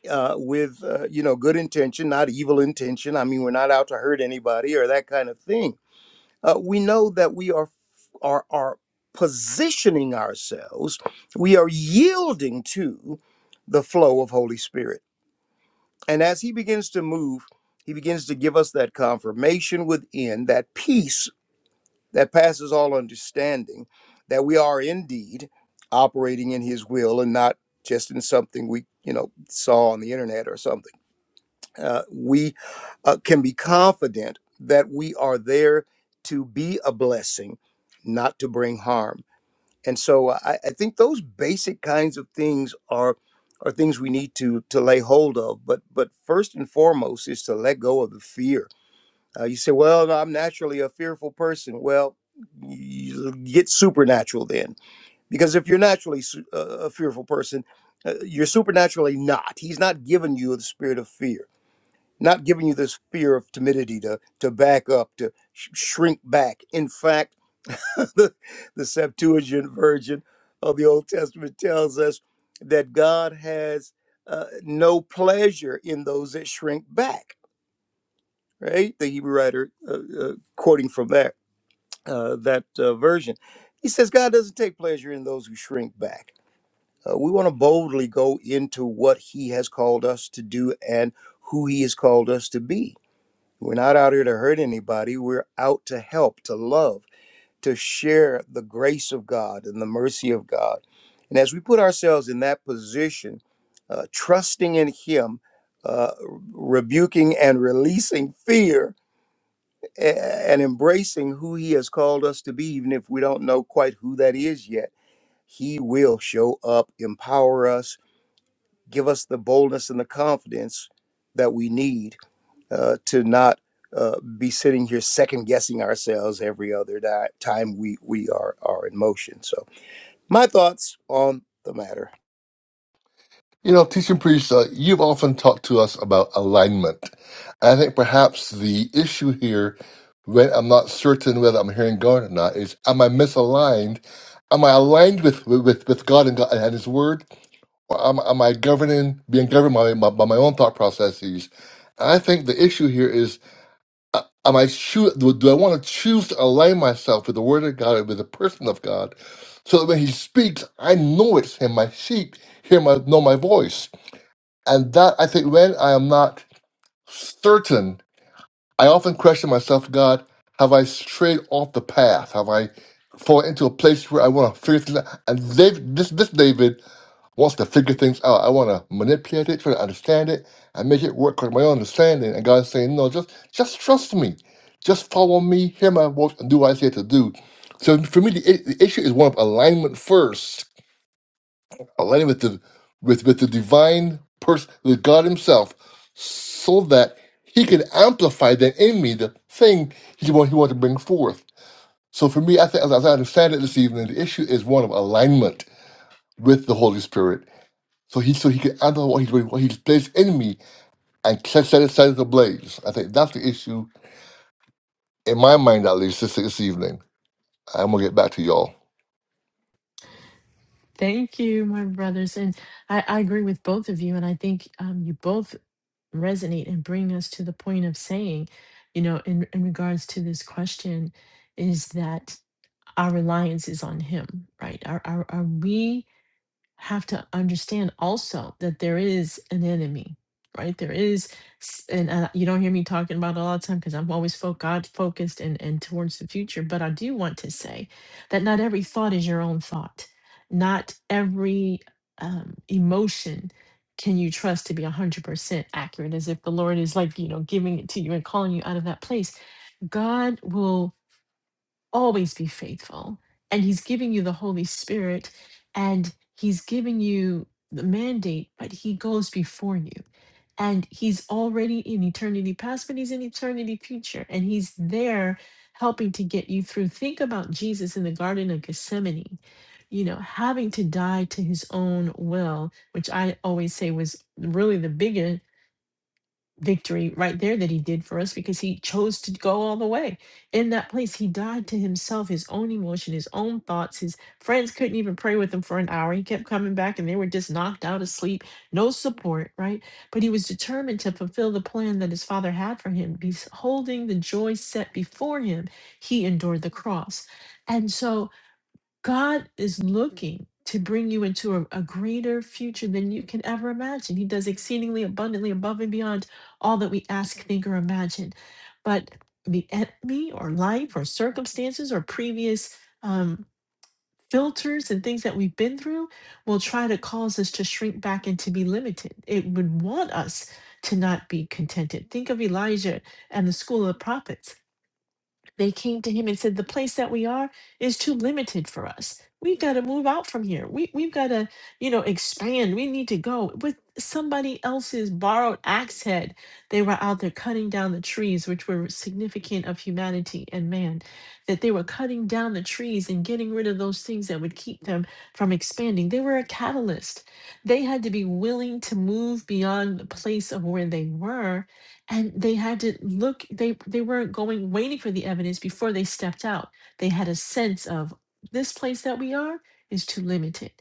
Speaker 3: uh, with, uh, you know, good intention, not evil intention, I mean, we're not out to hurt anybody or that kind of thing. Uh, we know that we are are are positioning ourselves. We are yielding to the flow of Holy Spirit, and as He begins to move, He begins to give us that confirmation within, that peace that passes all understanding, that we are indeed operating in His will and not just in something we, you know, saw on the internet or something. Uh, we uh, can be confident that we are there to be a blessing, not to bring harm. And so uh, I, I think those basic kinds of things are are things we need to to lay hold of. But but first and foremost is to let go of the fear uh, you say, well, no, I'm naturally a fearful person. Well, you get supernatural then. Because if you're naturally su- uh, a fearful person, uh, you're supernaturally not. He's not giving you the spirit of fear, not giving you this fear of timidity to, to back up, to sh- shrink back. In fact, the, the Septuagint version of the Old Testament tells us that God has uh, no pleasure in those that shrink back right? The Hebrew writer uh, uh, quoting from that uh, that uh, version. He says God doesn't take pleasure in those who shrink back. Uh, we want to boldly go into what He has called us to do and who He has called us to be. We're not out here to hurt anybody. We're out to help, to love, to share the grace of God and the mercy of God. And as we put ourselves in that position, uh, trusting in Him, uh, rebuking and releasing fear a- and embracing who he has called us to be, even if we don't know quite who that is yet, he will show up, empower us, give us the boldness and the confidence that we need uh, to not uh, be sitting here second guessing ourselves every other di- time we, we are, are in motion. So, my thoughts on the matter.
Speaker 2: You know, teaching priest, uh, you've often talked to us about alignment. I think perhaps the issue here, when I'm not certain whether I'm hearing God or not, is am I misaligned? Am I aligned with with, with God and God and His Word, or am, am I governing, being governed by my, by my own thought processes? I think the issue here is, uh, am I choo- do, do I want to choose to align myself with the Word of God and with the person of God, so that when He speaks, I know it's Him. My sheep hear my know my voice. And that I think when I am not certain, I often question myself, God, have I strayed off the path? Have I fallen into a place where I want to figure things out? And David, this this David wants to figure things out. I want to manipulate it, try to understand it, and make it work with my own understanding. And God's saying, No, just just trust me. Just follow me, hear my voice, and do what I say to do. So for me, the, i- the issue is one of alignment first aligning with the with with the divine person, with God Himself, so that He can amplify that in me the thing He want He want to bring forth. So for me, I think as, as I understand it this evening, the issue is one of alignment with the Holy Spirit. So he so he can amplify what He's what He's placed in me and set set it set it ablaze. I think that's the issue in my mind at least this, this evening. I'm gonna get back to y'all.
Speaker 1: Thank you, my brothers. And I, I agree with both of you. And I think um, you both resonate and bring us to the point of saying, you know, in, in regards to this question, is that our reliance is on Him, right? Are, are, are we? have to understand also that there is an enemy, right? There is, s- and uh, you don't hear me talking about it all the time because I'm always fo- God focused and, and towards the future. But I do want to say that not every thought is your own thought. Not every um, emotion can you trust to be 100% accurate as if the Lord is like, you know, giving it to you and calling you out of that place. God will always be faithful. And he's giving you the Holy Spirit and he's giving you the mandate, but he goes before you. And he's already in eternity past, but he's in eternity future. And he's there helping to get you through. Think about Jesus in the Garden of Gethsemane, you know, having to die to his own will, which I always say was really the biggest victory right there that he did for us because he chose to go all the way in that place he died to himself his own emotion his own thoughts his friends couldn't even pray with him for an hour he kept coming back and they were just knocked out asleep. no support right but he was determined to fulfill the plan that his father had for him beholding the joy set before him he endured the cross and so God is looking to bring you into a, a greater future than you can ever imagine. He does exceedingly abundantly above and beyond all that we ask, think, or imagine. But the enemy or life or circumstances or previous um, filters and things that we've been through will try to cause us to shrink back and to be limited. It would want us to not be contented. Think of Elijah and the school of prophets they came to him and said, The place that we are is too limited for us. We've got to move out from here. We, we've got to, you know, expand. We need to go. With somebody else's borrowed axe head, they were out there cutting down the trees, which were significant of humanity and man, that they were cutting down the trees and getting rid of those things that would keep them from expanding. They were a catalyst. They had to be willing to move beyond the place of where they were and they had to look they they weren't going waiting for the evidence before they stepped out they had a sense of this place that we are is too limited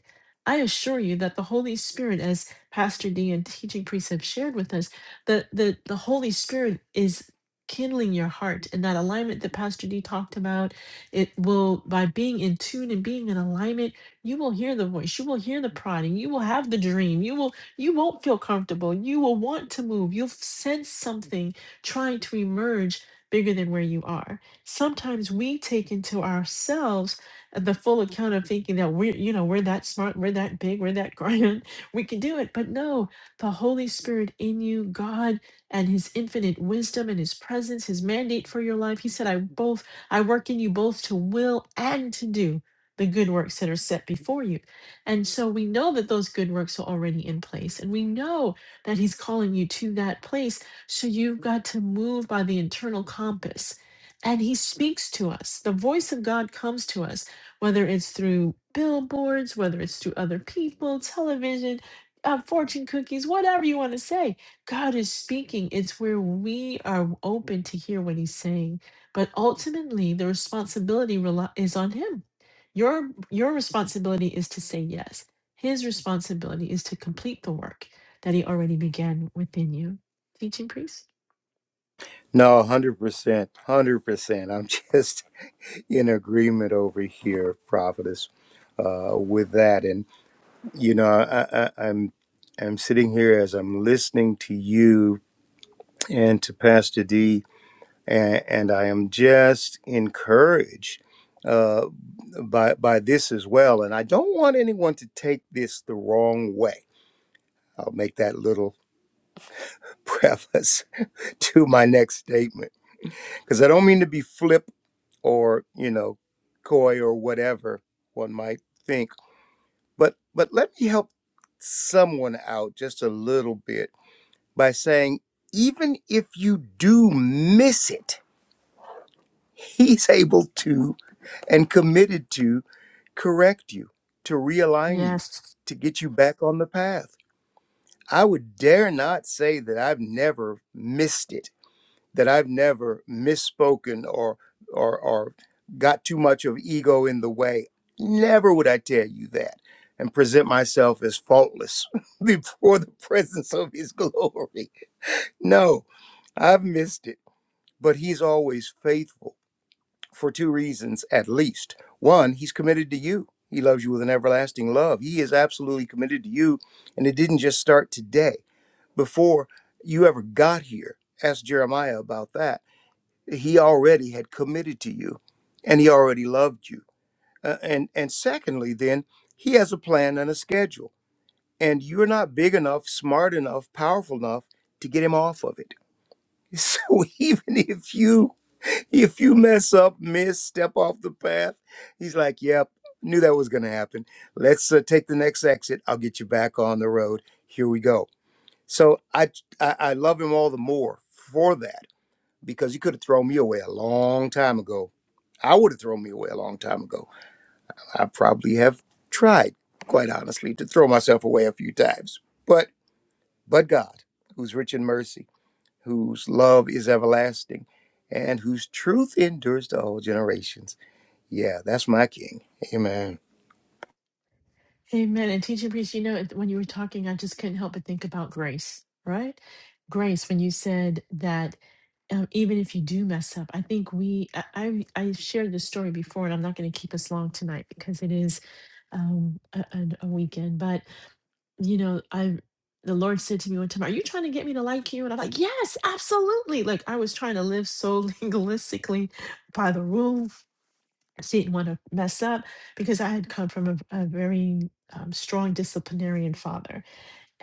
Speaker 1: i assure you that the holy spirit as pastor d and teaching precept shared with us the the, the holy spirit is kindling your heart and that alignment that pastor d talked about it will by being in tune and being in alignment you will hear the voice you will hear the prodding you will have the dream you will you won't feel comfortable. You will want to move. You'll sense something trying to emerge bigger than where you are. Sometimes we take into ourselves the full account of thinking that we're, you know, we're that smart, we're that big, we're that grand, we can do it. But no, the Holy Spirit in you, God and his infinite wisdom and his presence, his mandate for your life. He said, I both I work in you both to will and to do the good works that are set before you. And so we know that those good works are already in place. And we know that He's calling you to that place. So you've got to move by the internal compass. And He speaks to us. The voice of God comes to us, whether it's through billboards, whether it's through other people, television, uh, fortune cookies, whatever you want to say. God is speaking. It's where we are open to hear what He's saying. But ultimately, the responsibility reli- is on Him your your responsibility is to say yes. His responsibility is to complete the work that he already began within you. Teaching priest?
Speaker 3: No, 100%. 100%. I'm just in agreement over here, prophetess, uh, with that. you know, I, I, I'm I'm sitting here as I'm listening to you and to Pastor D, and, and I am just encouraged uh, by by this as well. And I don't want anyone to take this the wrong way. I'll make that little preface to my next statement because I don't mean to be flip or you know coy or whatever one might think, but but let me help someone out just a little bit by saying, even if you do miss it, he's able to and committed to correct you, to realign you,
Speaker 1: Yes.
Speaker 3: to get you back on the path. I would dare not say that I've never missed it, that I've never misspoken or or or got too much of ego in the way. Never would I tell you that and present myself as faultless before the presence of his glory. No, I've missed it. but he's always faithful for two reasons at least. One, he's committed to you. He loves you with an everlasting love. He is absolutely committed to you. And it didn't just start today. Before you ever got here, ask Jeremiah about that. He already had committed to you and he already loved you. Uh, and, and secondly, then, he has a plan and a schedule. And you're not big enough, smart enough, powerful enough to get him off of it. So even if you if you mess up, miss, step off the path. He's like, yep, knew that was going to happen. Let's uh, take the next exit. I'll get you back on the road. Here we go. So I, I, I love him all the more for that because he could have thrown me away a long time ago. I would have thrown me away a long time ago. I probably have tried, quite honestly, to throw myself away a few times. But, but God, who's rich in mercy, whose love is everlasting, and whose truth endures to all generations. Yeah, that's my king. Amen.
Speaker 1: Amen. And teaching priest, you know, it- when you were talking, I just couldn't help but think about grace, right? Grace, when you said that um, even if you do mess up, I think we, I, I, I shared this story before, and I'm not going to keep us long tonight because it is um, a, a a weekend, but you know, I the Lord said to me one time, Are you trying to get me to like you? And I'm like, Yes, absolutely. Like I was trying to live so legalistically by the rule. I didn't want to mess up because I had come from a, a very um, strong disciplinarian father.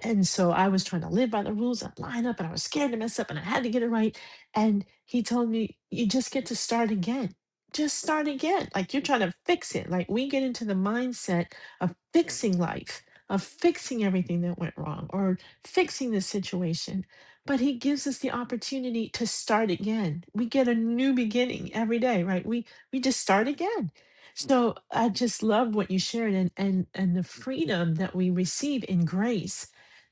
Speaker 1: And so I was trying to live by the rules and line up, and I was scared to mess up, and I had to get it right. And he told me, You just get to start again. Just start again. Like you're trying to fix it. Like we get into the mindset of fixing life, of fixing everything that went wrong, or fixing the situation. But he gives us the opportunity to start again. We get a new beginning every day, right? We we just start again. So I just love what you shared and and and the freedom that we receive in grace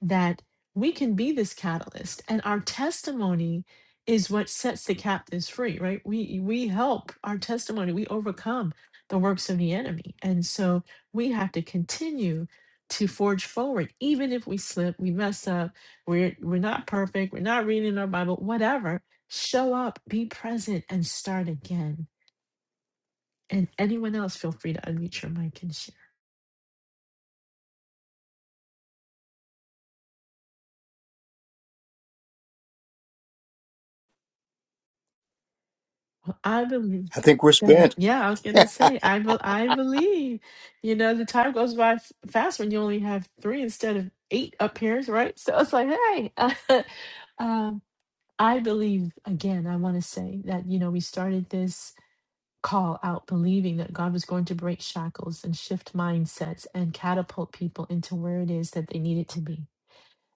Speaker 1: that we can be this catalyst and our testimony is what sets the captives free right we we help our testimony we overcome the works of the enemy and so we have to continue to forge forward even if we slip we mess up we're we're not perfect we're not reading our bible whatever show up be present and start again and anyone else feel free to unmute your mic and share Well, I believe
Speaker 3: I think we're
Speaker 1: that.
Speaker 3: spent.
Speaker 1: Yeah, I was gonna say, I bel I believe. You know, the time goes by f fast when you only have three instead of eight up here, right? So it's like, hey, um, I believe again. I want to say that you know we started this call out believing that God was going to break shackles and shift mindsets and catapult people into where it is that they needed to be.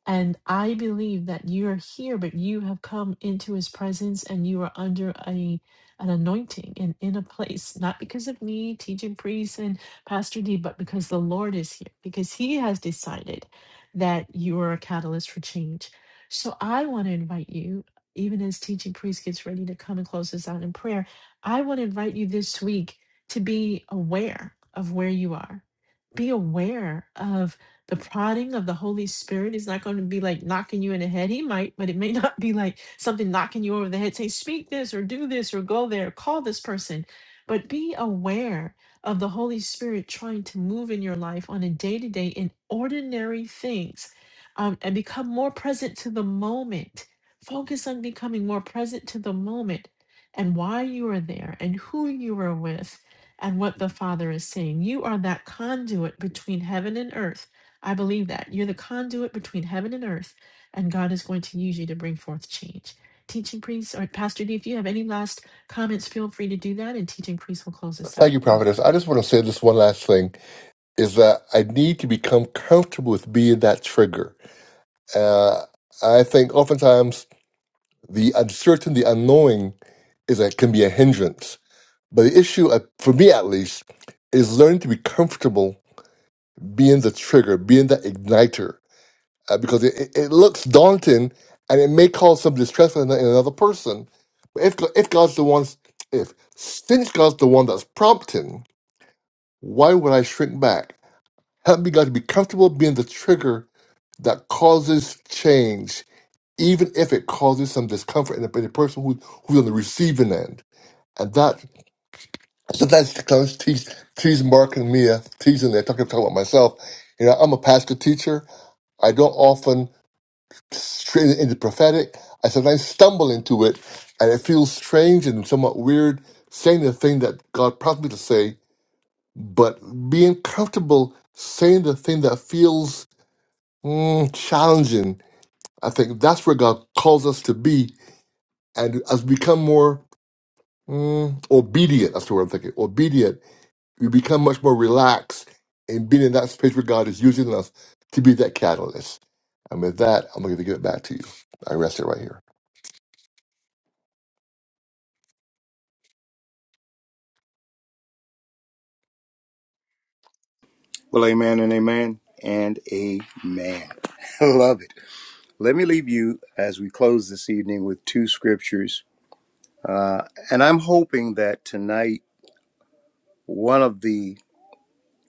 Speaker 1: And I believe that you are here, but you have come into his presence and you are under a an anointing and in a place, not because of me, teaching priest and Pastor D, but because the Lord is here, because he has decided that you are a catalyst for change. So I want to invite you, even as teaching priest gets ready to come and close us out in prayer, I want to invite you this week to be aware of where you are. Be aware of the prodding of the Holy Spirit is not going to be like knocking you in the head. He might, but it may not be like something knocking you over the head, saying, speak this or do this or go there, call this person. But be aware of the Holy Spirit trying to move in your life on a day to day in ordinary things um, and become more present to the moment. Focus on becoming more present to the moment and why you are there and who you are with and what the Father is saying. You are that conduit between heaven and earth I believe that. You're the conduit between heaven and earth, and God is going to use you to bring forth change. Teaching priest or Pastor D, if you have any last comments, feel free to do that, and teaching priest will close us out
Speaker 2: Thank you,
Speaker 1: in
Speaker 2: Prophetess. I
Speaker 1: prayer.
Speaker 2: just want to say this one last thing is that I need to become comfortable with being that trigger. Uh, I think oftentimes the uncertain, the unknowing is a, can be a hindrance. But the issue, uh, for me at least, is learning to be comfortable being the trigger, being the igniter. uh, because it, it it looks daunting and it may cause some distress in, in another person. But if, Go- if God's the one, if since God's the one that's prompting, why would I shrink back? Help me, God, to be comfortable being the trigger that causes change, even if it causes some discomfort in the, in the person who, who's on the receiving end. And that sometimes comes tease, tease Mark and Mia, teasing there, talking, talking about myself. You know, I'm a pastor teacher. I don't often. straight into prophetic. I sometimes stumble into it, and it feels strange and somewhat weird saying the thing that God prompted me to say, but being comfortable saying the thing that feels mm, challenging, I think that's where God calls us to be. And as we become more mm, obedient, that's the word I'm thinking, obedient, we become much more relaxed in being in that space where God is using us to be that catalyst. And with that, I'm going to give it back to you. I rest it right here.
Speaker 3: well, amen and amen and amen. I love it. Let me leave you as we close this evening with two scriptures, uh, and I'm hoping that tonight one of the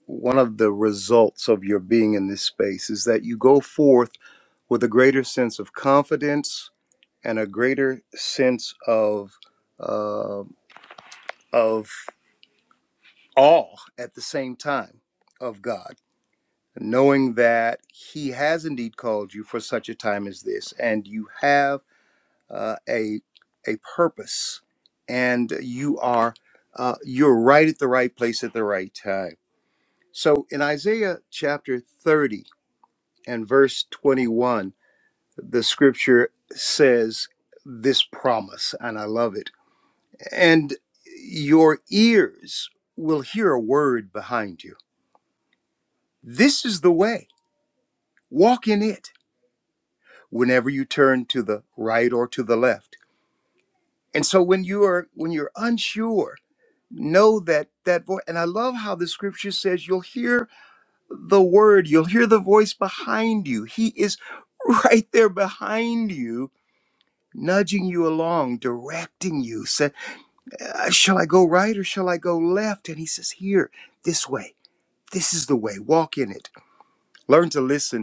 Speaker 3: one of the results of your being in this space is that you go forth with a greater sense of confidence and a greater sense of uh, of awe at the same time of God knowing that He has indeed called you for such a time as this, and you have uh, a a purpose, and you are uh, you're right at the right place at the right time. So in Isaiah chapter 30 and verse 21, the scripture says this promise, and I love it. And your ears will hear a word behind you. This is the way. Walk in it whenever you turn to the right or to the left. And so when you are when you're unsure, know that that voice and I love how the scripture says you'll hear the word, you'll hear the voice behind you. He is right there behind you, nudging you along, directing you. Say, "Uh, shall I go right or shall I go left? And he says, Here, this way. This is the way. Walk in it. Learn to listen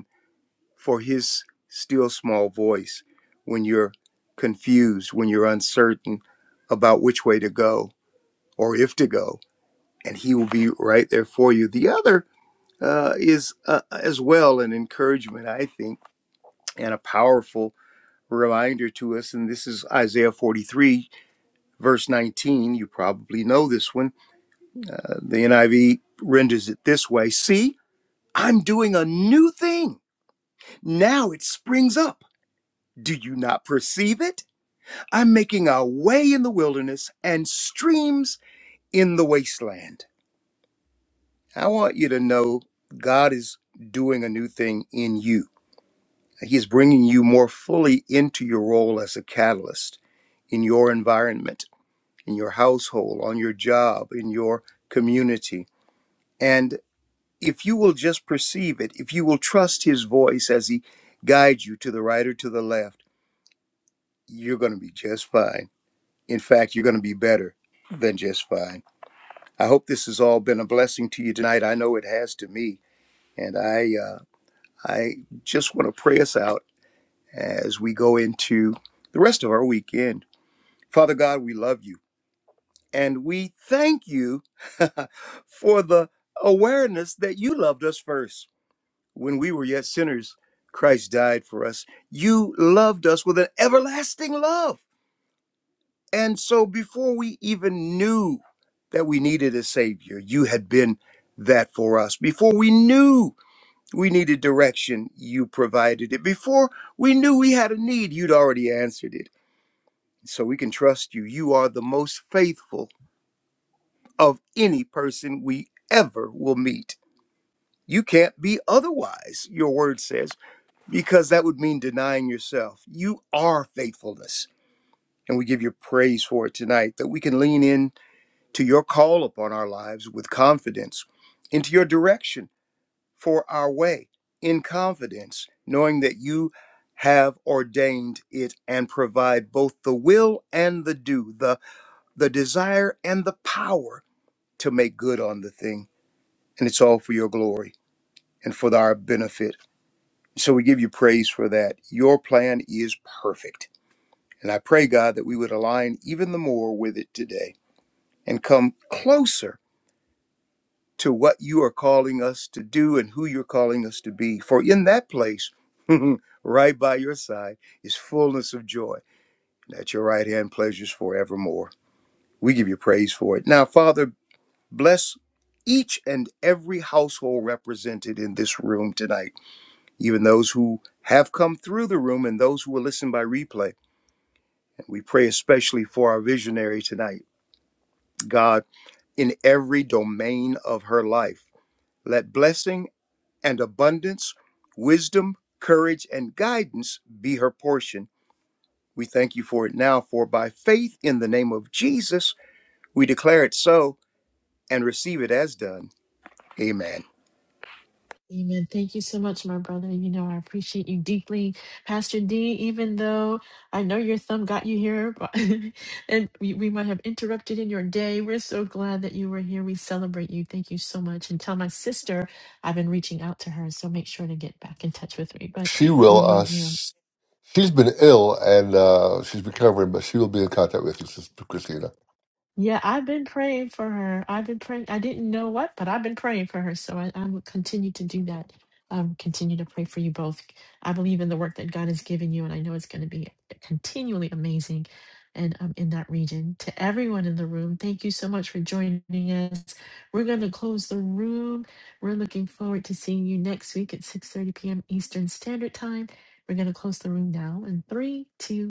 Speaker 3: for his still small voice when you're confused, when you're uncertain about which way to go or if to go, and he will be right there for you. The other uh, is uh, as well an encouragement, I think, and a powerful reminder to us. And this is Isaiah 43, verse 19. You probably know this one. Uh, the NIV renders it this way See, I'm doing a new thing. Now it springs up. Do you not perceive it? I'm making a way in the wilderness and streams in the wasteland. I want you to know God is doing a new thing in you. He's bringing you more fully into your role as a catalyst in your environment, in your household, on your job, in your community. And if you will just perceive it, if you will trust His voice as He guides you to the right or to the left, you're going to be just fine. In fact, you're going to be better than just fine. I hope this has all been a blessing to you tonight. I know it has to me, and I uh, I just want to pray us out as we go into the rest of our weekend. Father God, we love you, and we thank you for the awareness that you loved us first when we were yet sinners. Christ died for us. You loved us with an everlasting love. And so before we even knew that we needed a savior, you had been that for us. Before we knew we needed direction, you provided it. Before we knew we had a need, you'd already answered it. So we can trust you. You are the most faithful of any person we ever will meet. You can't be otherwise, your word says, because that would mean denying yourself. You are faithfulness. And we give you praise for it tonight that we can lean in to your call upon our lives with confidence, into your direction for our way in confidence, knowing that you have ordained it and provide both the will and the do, the, the desire and the power to make good on the thing. And it's all for your glory and for our benefit. So we give you praise for that. Your plan is perfect. And I pray, God, that we would align even the more with it today and come closer to what you are calling us to do and who you're calling us to be. For in that place, right by your side, is fullness of joy. And At your right hand, pleasures forevermore. We give you praise for it. Now, Father, bless each and every household represented in this room tonight, even those who have come through the room and those who will listen by replay. And we pray especially for our visionary tonight, God, in every domain of her life. Let blessing and abundance, wisdom, courage, and guidance be her portion. We thank you for it now, for by faith in the name of Jesus, we declare it so and receive it as done. Amen.
Speaker 1: Amen. Thank you so much, my brother. You know, I appreciate you deeply. Pastor D, even though I know your thumb got you here but- and we, we might have interrupted in your day, we're so glad that you were here. We celebrate you. Thank you so much. And tell my sister I've been reaching out to her, so make sure to get back in touch with me. But
Speaker 2: She will.
Speaker 1: we
Speaker 2: Uh,
Speaker 1: love you.
Speaker 2: s- she's been ill and uh, she's recovering, but she will be in contact with you, Sister Christina.
Speaker 1: Yeah, I've been praying for her. I've been praying. I didn't know what, but I've been praying for her. So I, I will continue to do that. Um, continue to pray for you both. I believe in the work that God has given you, and I know it's going to be continually amazing. And um, in that region, to everyone in the room, thank you so much for joining us. We're going to close the room. We're looking forward to seeing you next week at 6:30 p.m. Eastern Standard Time. We're going to close the room now in three, two, one.